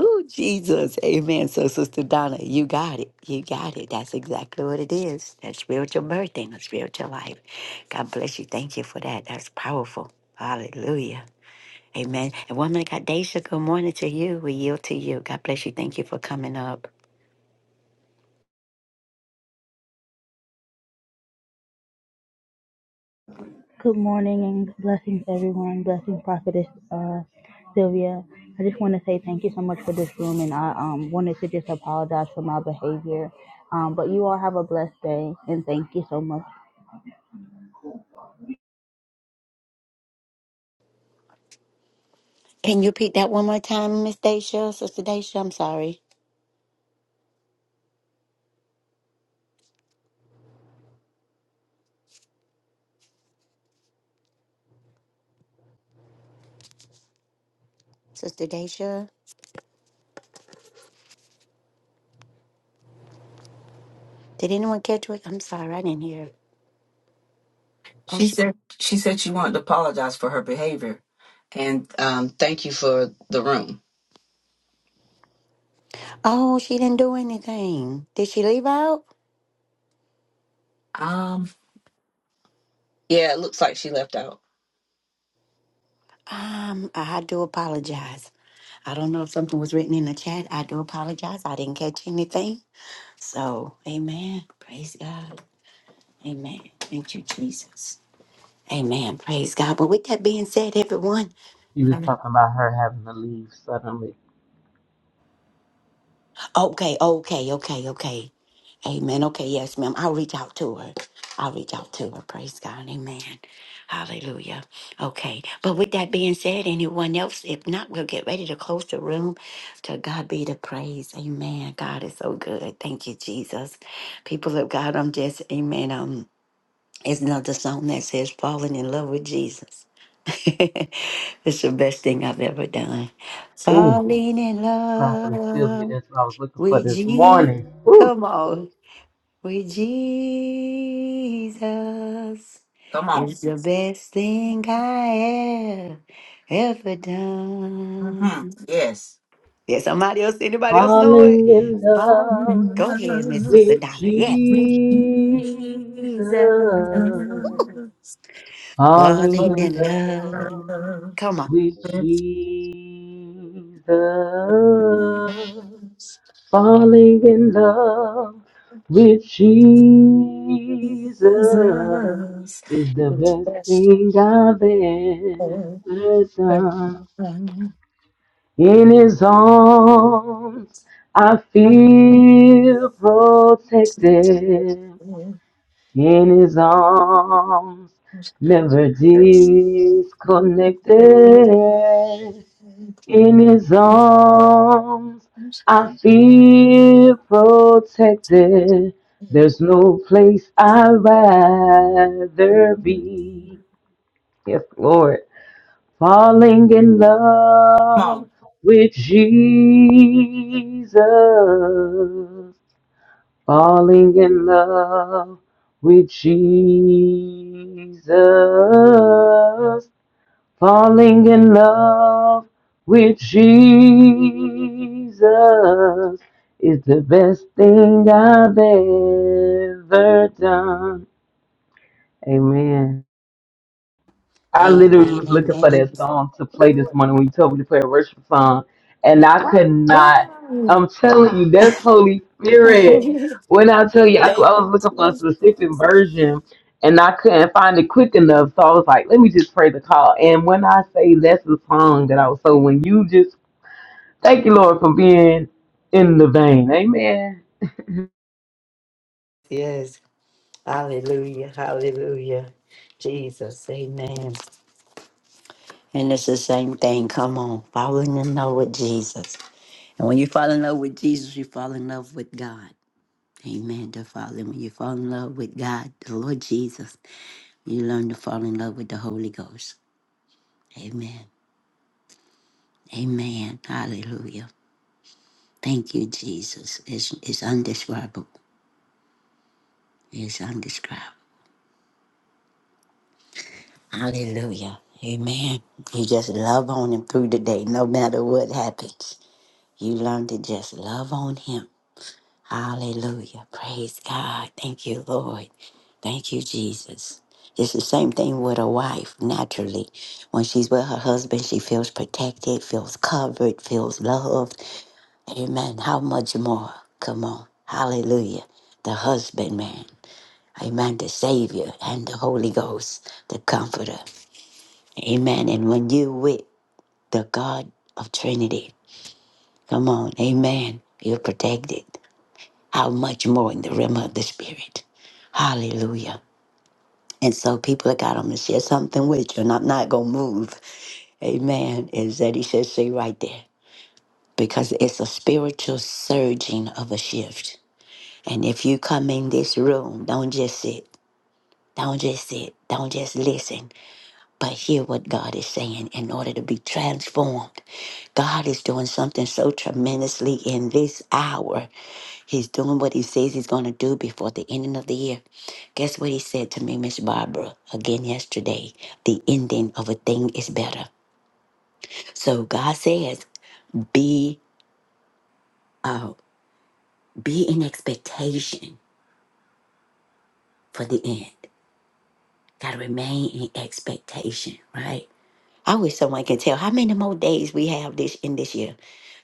[SPEAKER 1] Ooh, Jesus. Amen. So, Sister Donna, you got it. You got it. That's exactly what it is. That's spiritual birth and a spiritual life. God bless you. Thank you for that. That's powerful. Hallelujah. Amen. And woman of God, Daisha, good morning to you. We yield to you. God bless you. Thank you for coming up.
[SPEAKER 5] Good morning and blessings, everyone. Blessing prophetess uh, Sylvia. I just want to say thank you so much for this room, and I um, wanted to just apologize for my behavior. Um, but you all have a blessed day, and thank you so much.
[SPEAKER 1] Can you repeat that one more time, Miss Daisha? Sister Daisha, I'm sorry. Sister Daisha. Did anyone catch it? I'm sorry, I didn't hear. Oh,
[SPEAKER 4] She
[SPEAKER 1] she
[SPEAKER 4] said she said she wanted to apologize for her behavior, and um, thank you for the room.
[SPEAKER 1] Oh, she didn't do anything. Did she leave out?
[SPEAKER 4] Um, yeah, it looks like she left out.
[SPEAKER 1] Um, I do apologize. I don't know if something was written in the chat. I do apologize. I didn't catch anything. So, amen. Praise God. Amen. Thank you, Jesus. Amen. Praise God. But with that being said, everyone.
[SPEAKER 6] He was talking about her having to leave suddenly.
[SPEAKER 1] Okay, okay, okay, okay. Amen. Okay, yes, ma'am. I'll reach out to her. I'll reach out to her. Praise God. Amen. Hallelujah. Okay. But with that being said, anyone else? If not, we'll get ready to close the room. To God be the praise. Amen. God is so good. Thank you, Jesus. People of God, I'm just, amen. Um, it's another song that says falling in love with Jesus. it's the best thing I've ever done.
[SPEAKER 6] Ooh,
[SPEAKER 1] Falling in
[SPEAKER 6] Prophetess
[SPEAKER 1] love.
[SPEAKER 6] Sylvia, that's what I was looking for
[SPEAKER 1] We
[SPEAKER 6] this
[SPEAKER 1] Jesus,
[SPEAKER 6] morning. Ooh,
[SPEAKER 1] come on. We Jesus
[SPEAKER 4] Come on.
[SPEAKER 1] is the best thing I have ever
[SPEAKER 4] Mm-hmm.
[SPEAKER 1] done.
[SPEAKER 4] Yes.
[SPEAKER 1] Yeah, somebody else, anybody else know it?
[SPEAKER 6] falling in
[SPEAKER 1] Bob,
[SPEAKER 6] love
[SPEAKER 1] go ahead, Miss Sister
[SPEAKER 6] with
[SPEAKER 1] Donna. Yes.
[SPEAKER 4] with Jesus.
[SPEAKER 6] Jesus.
[SPEAKER 1] Jesus,
[SPEAKER 6] Falling
[SPEAKER 1] falling
[SPEAKER 6] in
[SPEAKER 1] in love.
[SPEAKER 6] love
[SPEAKER 4] Forever
[SPEAKER 1] Come on.
[SPEAKER 6] with
[SPEAKER 4] with
[SPEAKER 6] Jesus. falling in love with Jesus
[SPEAKER 4] Jesus.
[SPEAKER 6] is the
[SPEAKER 4] It's
[SPEAKER 6] best
[SPEAKER 4] best
[SPEAKER 6] thing I've
[SPEAKER 4] for
[SPEAKER 6] ever done.
[SPEAKER 4] everyone.
[SPEAKER 6] In His arms, I
[SPEAKER 4] I
[SPEAKER 6] feel protected
[SPEAKER 4] feel
[SPEAKER 6] in his arms,
[SPEAKER 4] it's
[SPEAKER 6] never
[SPEAKER 4] best.
[SPEAKER 6] disconnected. In his arms, I feel protected. There's no place I'd rather be. Yes, Lord. Falling in
[SPEAKER 4] Come on.
[SPEAKER 6] love with Jesus falling in love with Jesus, falling in love with Jesus is the best thing I've ever done. Amen. I literally
[SPEAKER 1] Amen,
[SPEAKER 6] was looking for
[SPEAKER 1] amen, amen.
[SPEAKER 6] that song to play this morning when you told me to play a worship song, and I could not.
[SPEAKER 1] Wow.
[SPEAKER 6] I'm telling you, that's Holy
[SPEAKER 1] Thank
[SPEAKER 6] Spirit.
[SPEAKER 1] you,
[SPEAKER 6] When I tell you, I, cou- I was looking for a
[SPEAKER 1] Jesus.
[SPEAKER 6] specific version, and I couldn't find it quick enough. So I was like, let me just pray the call. And when I say that's the song that I was, so when you just thank you, Lord, for being in the vein, Amen.
[SPEAKER 1] Yes. Hallelujah, hallelujah. Jesus, amen. And it's the same thing. Come on, fall in love with Jesus. And when you fall in love with Jesus, you fall in love with God. Amen. To fall in, when you fall in love with God, the Lord Jesus, you learn to fall in love with the Holy Ghost. Amen. Amen. Hallelujah. Thank you, Jesus. It's, it's undescribable. It's undescribable. Hallelujah. Amen. You just love on him through the day, no matter what happens. You learn to just love on him. Hallelujah. Praise God. Thank you, Lord. Thank you, Jesus. It's the same thing with a wife, naturally. When she's with her husband, she feels protected, feels covered, feels loved. Amen. How much more? Come on. Hallelujah. The husband, man. Amen. The Savior and the Holy Ghost, the Comforter. Amen. And when you with the God of Trinity, come on. Amen. You're protected. how much more in the realm of the spirit. Hallelujah. And so people of God, I'm gonna share something with you, and I'm not gonna move. Amen. Is that he says see right there. Because it's a spiritual surging of a shift. And if you come in this room, don't just sit. Don't just sit. Don't just listen. But hear what God is saying in order to be transformed. God is doing something so tremendously in this hour He's doing what he says he's going to do before the ending of the year. Guess what he said to me, Miss Barbara, again yesterday? The ending of a thing is better. So God says, be uh, be in expectation for the end. Gotta remain in expectation, right? I wish someone could tell how many more days we have this in this year.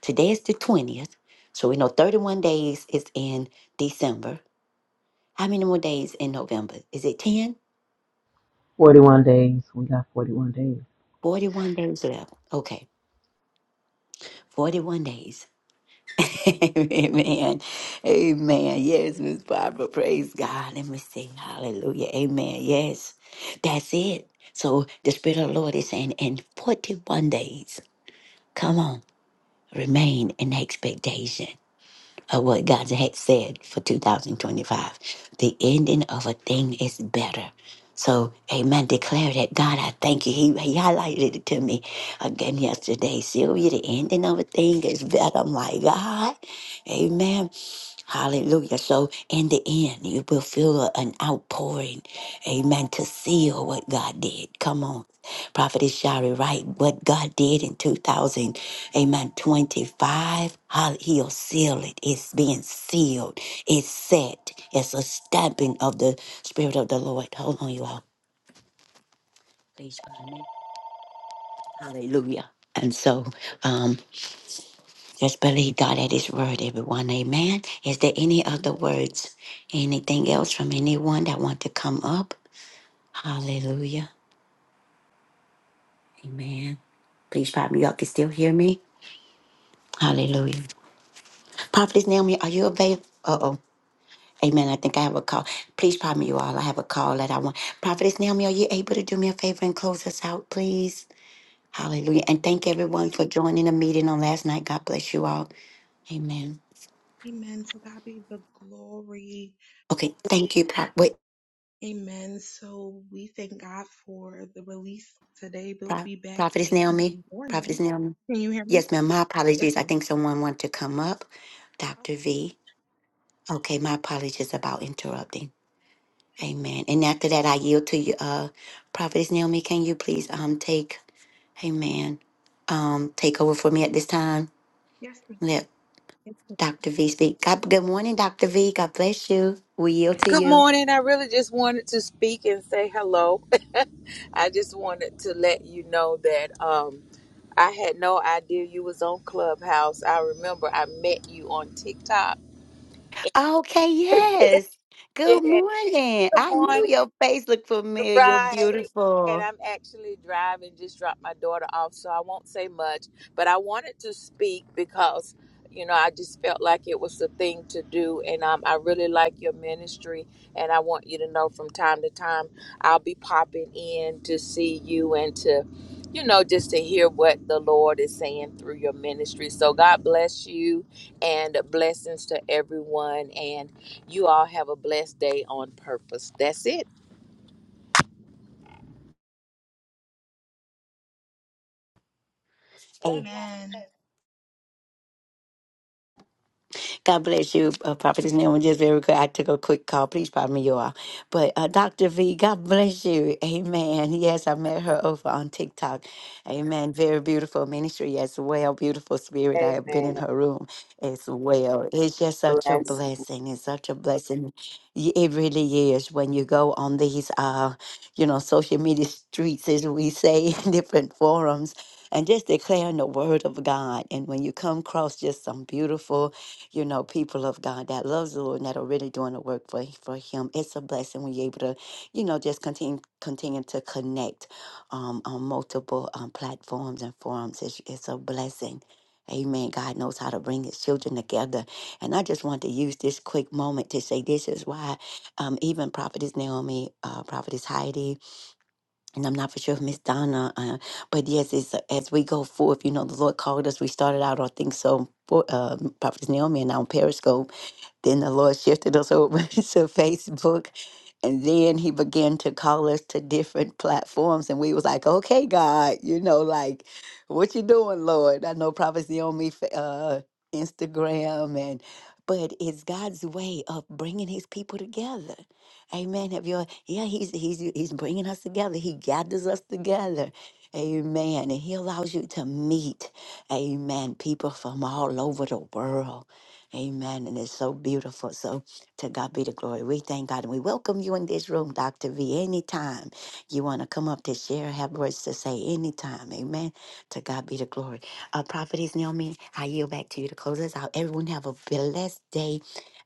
[SPEAKER 1] Today is the 20th. So we know 31 days is in December. How many more days in November? Is it 10?
[SPEAKER 6] 41 days. We got 41 days.
[SPEAKER 1] 41 days left. Okay. 41 days. Amen. Amen. Yes, Miss Barbara. Praise God. Let me sing hallelujah. Amen. Yes. That's it. So the Spirit of the Lord is saying, in 41 days, come on, remain in expectation of what God had said for 2025. The ending of a thing is better. So, amen. Declare that God, I thank you. He, he highlighted it to me again yesterday. Sylvia, the ending of a thing is better. My God. Amen. Hallelujah. So in the end, you will feel an outpouring, amen, to seal what God did. Come on. Prophetess Shari, right? What God did in 2000, amen, 25, how he'll seal it. It's being sealed. It's set. It's a stamping of the Spirit of the Lord. Hold on, you all. Please pardon me. Hallelujah. And so, um, Just believe God at His word, everyone. Amen. Is there any other words? Anything else from anyone that want to come up? Hallelujah. Amen. Please, Prophet, y'all can still hear me. Hallelujah. Prophetess Naomi, are you available? Uh oh. Amen. I think I have a call. Please, prophet, you all. I have a call that I want. Prophetess Naomi, are you able to do me a favor and close us out, please? Hallelujah. And thank everyone
[SPEAKER 3] man.
[SPEAKER 1] for joining the meeting on last night. God bless you all. Amen.
[SPEAKER 3] Amen. To God be the glory.
[SPEAKER 1] Okay. Thank you, Pro- wait,
[SPEAKER 3] Amen. So we thank God for the release today. We'll
[SPEAKER 1] Pro-
[SPEAKER 3] be back
[SPEAKER 1] Prophetess
[SPEAKER 3] in the
[SPEAKER 1] Naomi.
[SPEAKER 3] morning.
[SPEAKER 1] Prophetess Naomi.
[SPEAKER 3] Can you hear me?
[SPEAKER 1] Yes, ma'am. My
[SPEAKER 3] Yes,
[SPEAKER 1] apologies. I
[SPEAKER 3] ma'am.
[SPEAKER 1] think someone wanted to come up. Dr.
[SPEAKER 3] Okay.
[SPEAKER 1] V. Okay, my apologies about interrupting. Amen. And after that, I yield to you, uh, Prophetess Naomi. Can you please um take, Amen, um take over for me at this time?
[SPEAKER 3] Yes,
[SPEAKER 1] Let
[SPEAKER 3] ma'am. Yes, ma'am.
[SPEAKER 1] Dr. V speak. God, good morning, Dr. V. God bless you. We yield to
[SPEAKER 7] Good
[SPEAKER 1] you.
[SPEAKER 7] morning. I really just wanted to speak and say hello. I just wanted to let you know that um, I had no idea you was on Clubhouse. I remember I met you on TikTok.
[SPEAKER 1] Okay. Yes.
[SPEAKER 7] Yeah.
[SPEAKER 1] Good
[SPEAKER 7] Good
[SPEAKER 1] morning. I
[SPEAKER 7] morning.
[SPEAKER 1] knew your face looked familiar.
[SPEAKER 7] Right. And
[SPEAKER 1] Beautiful.
[SPEAKER 7] I'm actually driving, just dropped my daughter off, so I won't say much. But I wanted to speak because, you know, I just felt like it was the thing to do. And um, I really like your ministry. And I want you to know from time to time, I'll be popping in to see you and to, you know, just to hear what the Lord is saying through your ministry. So God bless you and blessings to everyone. And you all have a blessed day on purpose. That's it.
[SPEAKER 3] Amen.
[SPEAKER 1] God bless you, uh, Prophetess Naomi. Just very quick, I took a quick call. Please pardon me, you all. But uh, Dr. V, God bless you. Amen. Yes, I met her over on TikTok. Amen. Very beautiful ministry as well. Beautiful spirit. I have been
[SPEAKER 7] Amen.
[SPEAKER 1] in her room as well. It's just such a
[SPEAKER 7] Bless.
[SPEAKER 1] blessing. It's such a blessing. Y- It really is when you go on these, uh, you know, social media streets, as we say, different forums, and just declaring the word of God. And when you come across just some beautiful you know, people of God that loves the Lord and that are really doing the work for for Him. It's a blessing when you're able to, you know, just continue continue to connect um, on multiple um, platforms and forums. It's, it's a blessing. Amen. God knows how to bring his children together. And I just want to use this quick moment to say this is why um, even Prophetess Naomi, uh, Prophetess Heidi, and I'm not for sure if Miss Donna, uh, but yes, it's, uh, as we go forth, you know, the Lord called us. We started out, I think so, for, uh, Prophetess Naomi and I on Periscope then the Lord shifted us over to Facebook. And then he began to call us to different platforms. And we was like, okay, God, you know, like, what you doing, Lord? I know prophecy on me, fa- uh, Instagram and but it's God's way of bringing his people together. Amen. Have you yeah, he's he's he's bringing us together. He gathers us together. Amen. And he allows you to meet, amen, people from all over the world. Amen. And it's so beautiful. So to God be the glory. We thank God and we welcome you in this room, Dr. V. Anytime you want to come up to share, have words to say, anytime. Amen. To God be the glory. Uh, Prophetess Naomi, I yield back to you to close us out. Everyone have a blessed day.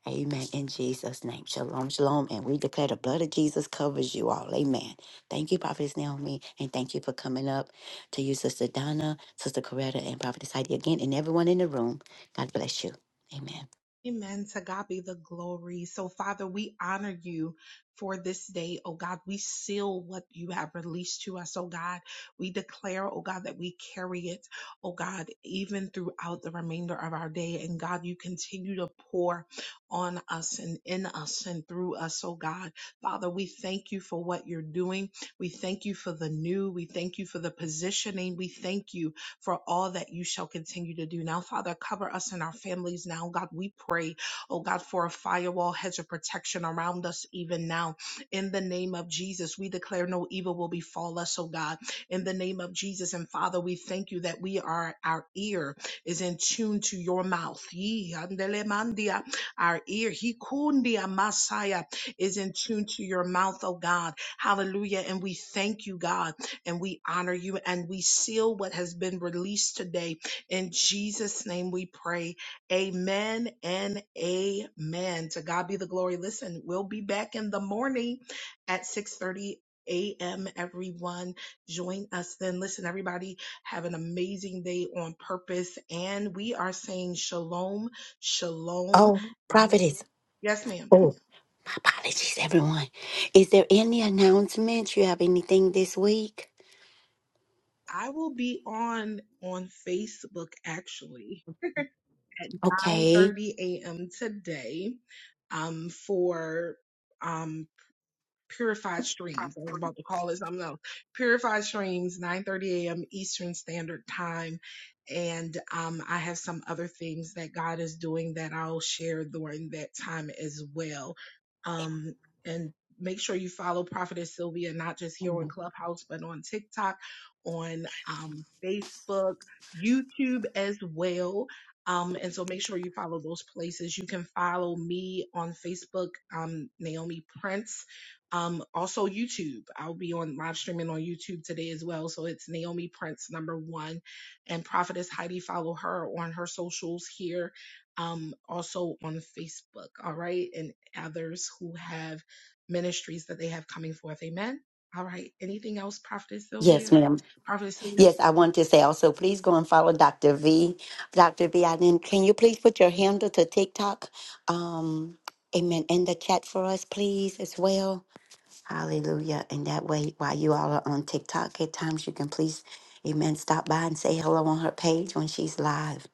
[SPEAKER 1] Amen. In Jesus' name. Shalom, shalom. And we declare the blood of Jesus covers you all. Amen. Thank you, Prophetess Naomi. And thank you for coming up to you, Sister Donna, Sister Coretta, and Prophetess Heidi again, and everyone in the room. God bless you. Amen.
[SPEAKER 3] Amen. To God be the glory. So, Father, we honor you for this day, oh God. We seal what you have released to us, oh God. We declare, oh God, that we carry it, oh God, even throughout the remainder of our day. And God, you continue to pour on us and in us and through us, oh God. Father, we thank you for what you're doing. We thank you for the new. We thank you for the positioning. We thank you for all that you shall continue to do. Now, Father, cover us and our families now. God, we pray, oh God, for a firewall hedge of protection around us even now. In the name of Jesus, we declare no evil will befall us, oh God. In the name of Jesus, and Father, we thank you that we are, our ear is in tune to your mouth. Yee, andele mandia. Our ear, he kundia Messiah, is in tune to your mouth, oh God. Hallelujah. And we thank you, God and we honor you and we seal what has been released today. In Jesus' name we pray. Amen and amen. To God be the glory. Listen, we'll be back in the morning at 6:30 a.m. everyone join us then listen everybody have an amazing day on purpose and we are saying shalom shalom
[SPEAKER 1] Oh, prophetess.
[SPEAKER 3] yes ma'am
[SPEAKER 1] Oh, my apologies, everyone. Is there any announcements? You have anything this week?
[SPEAKER 3] i will be on on facebook actually at
[SPEAKER 1] Okay.
[SPEAKER 3] 9:30 a.m. today um, for. Um, Purified Streams. I was about to call it something else. Purified Streams, 9:30 a.m. Eastern Standard Time. And um, I have some other things that God is doing that I'll share during that time as well. Um, and make sure you follow Prophetess Sylvia, not just here on Clubhouse, but on TikTok, on um, Facebook, YouTube as well. Um, and so make sure you follow those places. You can follow me on Facebook, um, Naomi Prince um, also YouTube. I'll be on live streaming on YouTube today as well. So it's Naomi Prince number one and Prophetess Heidi. Follow her on her socials here. Um, also on Facebook. All right. And others who have ministries that they have coming forth. Amen. All right. Anything else, Prophetess
[SPEAKER 1] Yes,
[SPEAKER 3] Sylvia?
[SPEAKER 1] ma'am.
[SPEAKER 3] Prophetess Sylvia?
[SPEAKER 1] Yes, I want to say also, please go and follow Dr. V. Dr. V, I didn't, can you please put your handle to TikTok? Um, amen. In the chat for us, please, as well. Hallelujah. And that way, while you all are on TikTok at times, you can please, amen, stop by and say hello on her page when she's live.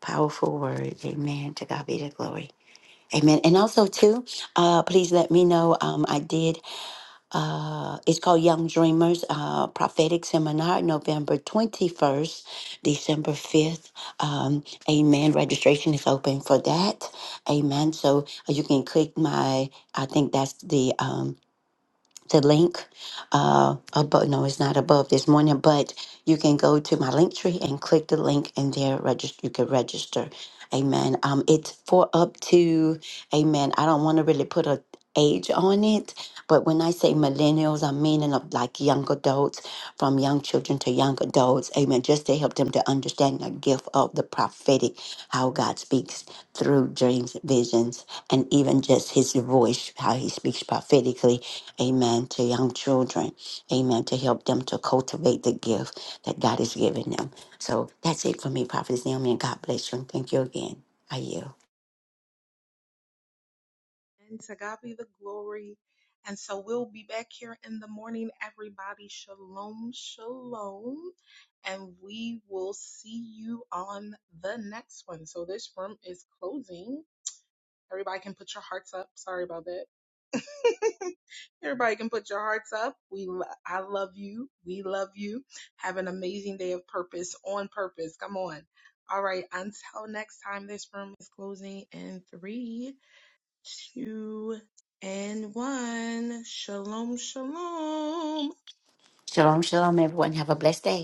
[SPEAKER 1] Powerful word. Amen. To God be the glory. Amen. And also, too, uh, please let me know. Um, I did, uh, it's called Young Dreamers uh, Prophetic Seminar, November 21st, December 5th. Um, amen. Registration is open for that. Amen. So uh, you can click my, I think that's the. Um, the link uh, above. No, it's not above this morning, but you can go to my link tree and click the link, and there register. You can register. Amen. Um, it's for up to. Amen. I don't want to really put a age on it, but when I say millennials, I'm meaning of like young adults, from young children to young adults. Amen. Just to help them to understand the gift of the prophetic, how God speaks through dreams, visions, and even just His voice, how He speaks prophetically Amen. To young children. Amen. To help them to cultivate the gift that God has given them. So that's it for me, Prophetess Naomi. And God bless you. And thank you again. I yield.
[SPEAKER 3] And to God be the glory. And so we'll be back here in the morning, everybody. Shalom, shalom. And we will see you on the next one. So this room is closing. Everybody can put your hearts up. Sorry about that. Everybody can put your hearts up. We, lo- I love you. We love you. Have an amazing day of purpose on purpose. Come on. All right. Until next time, this room is closing in three two, and one. Shalom, shalom.
[SPEAKER 1] Shalom, shalom, everyone. Have a blessed day.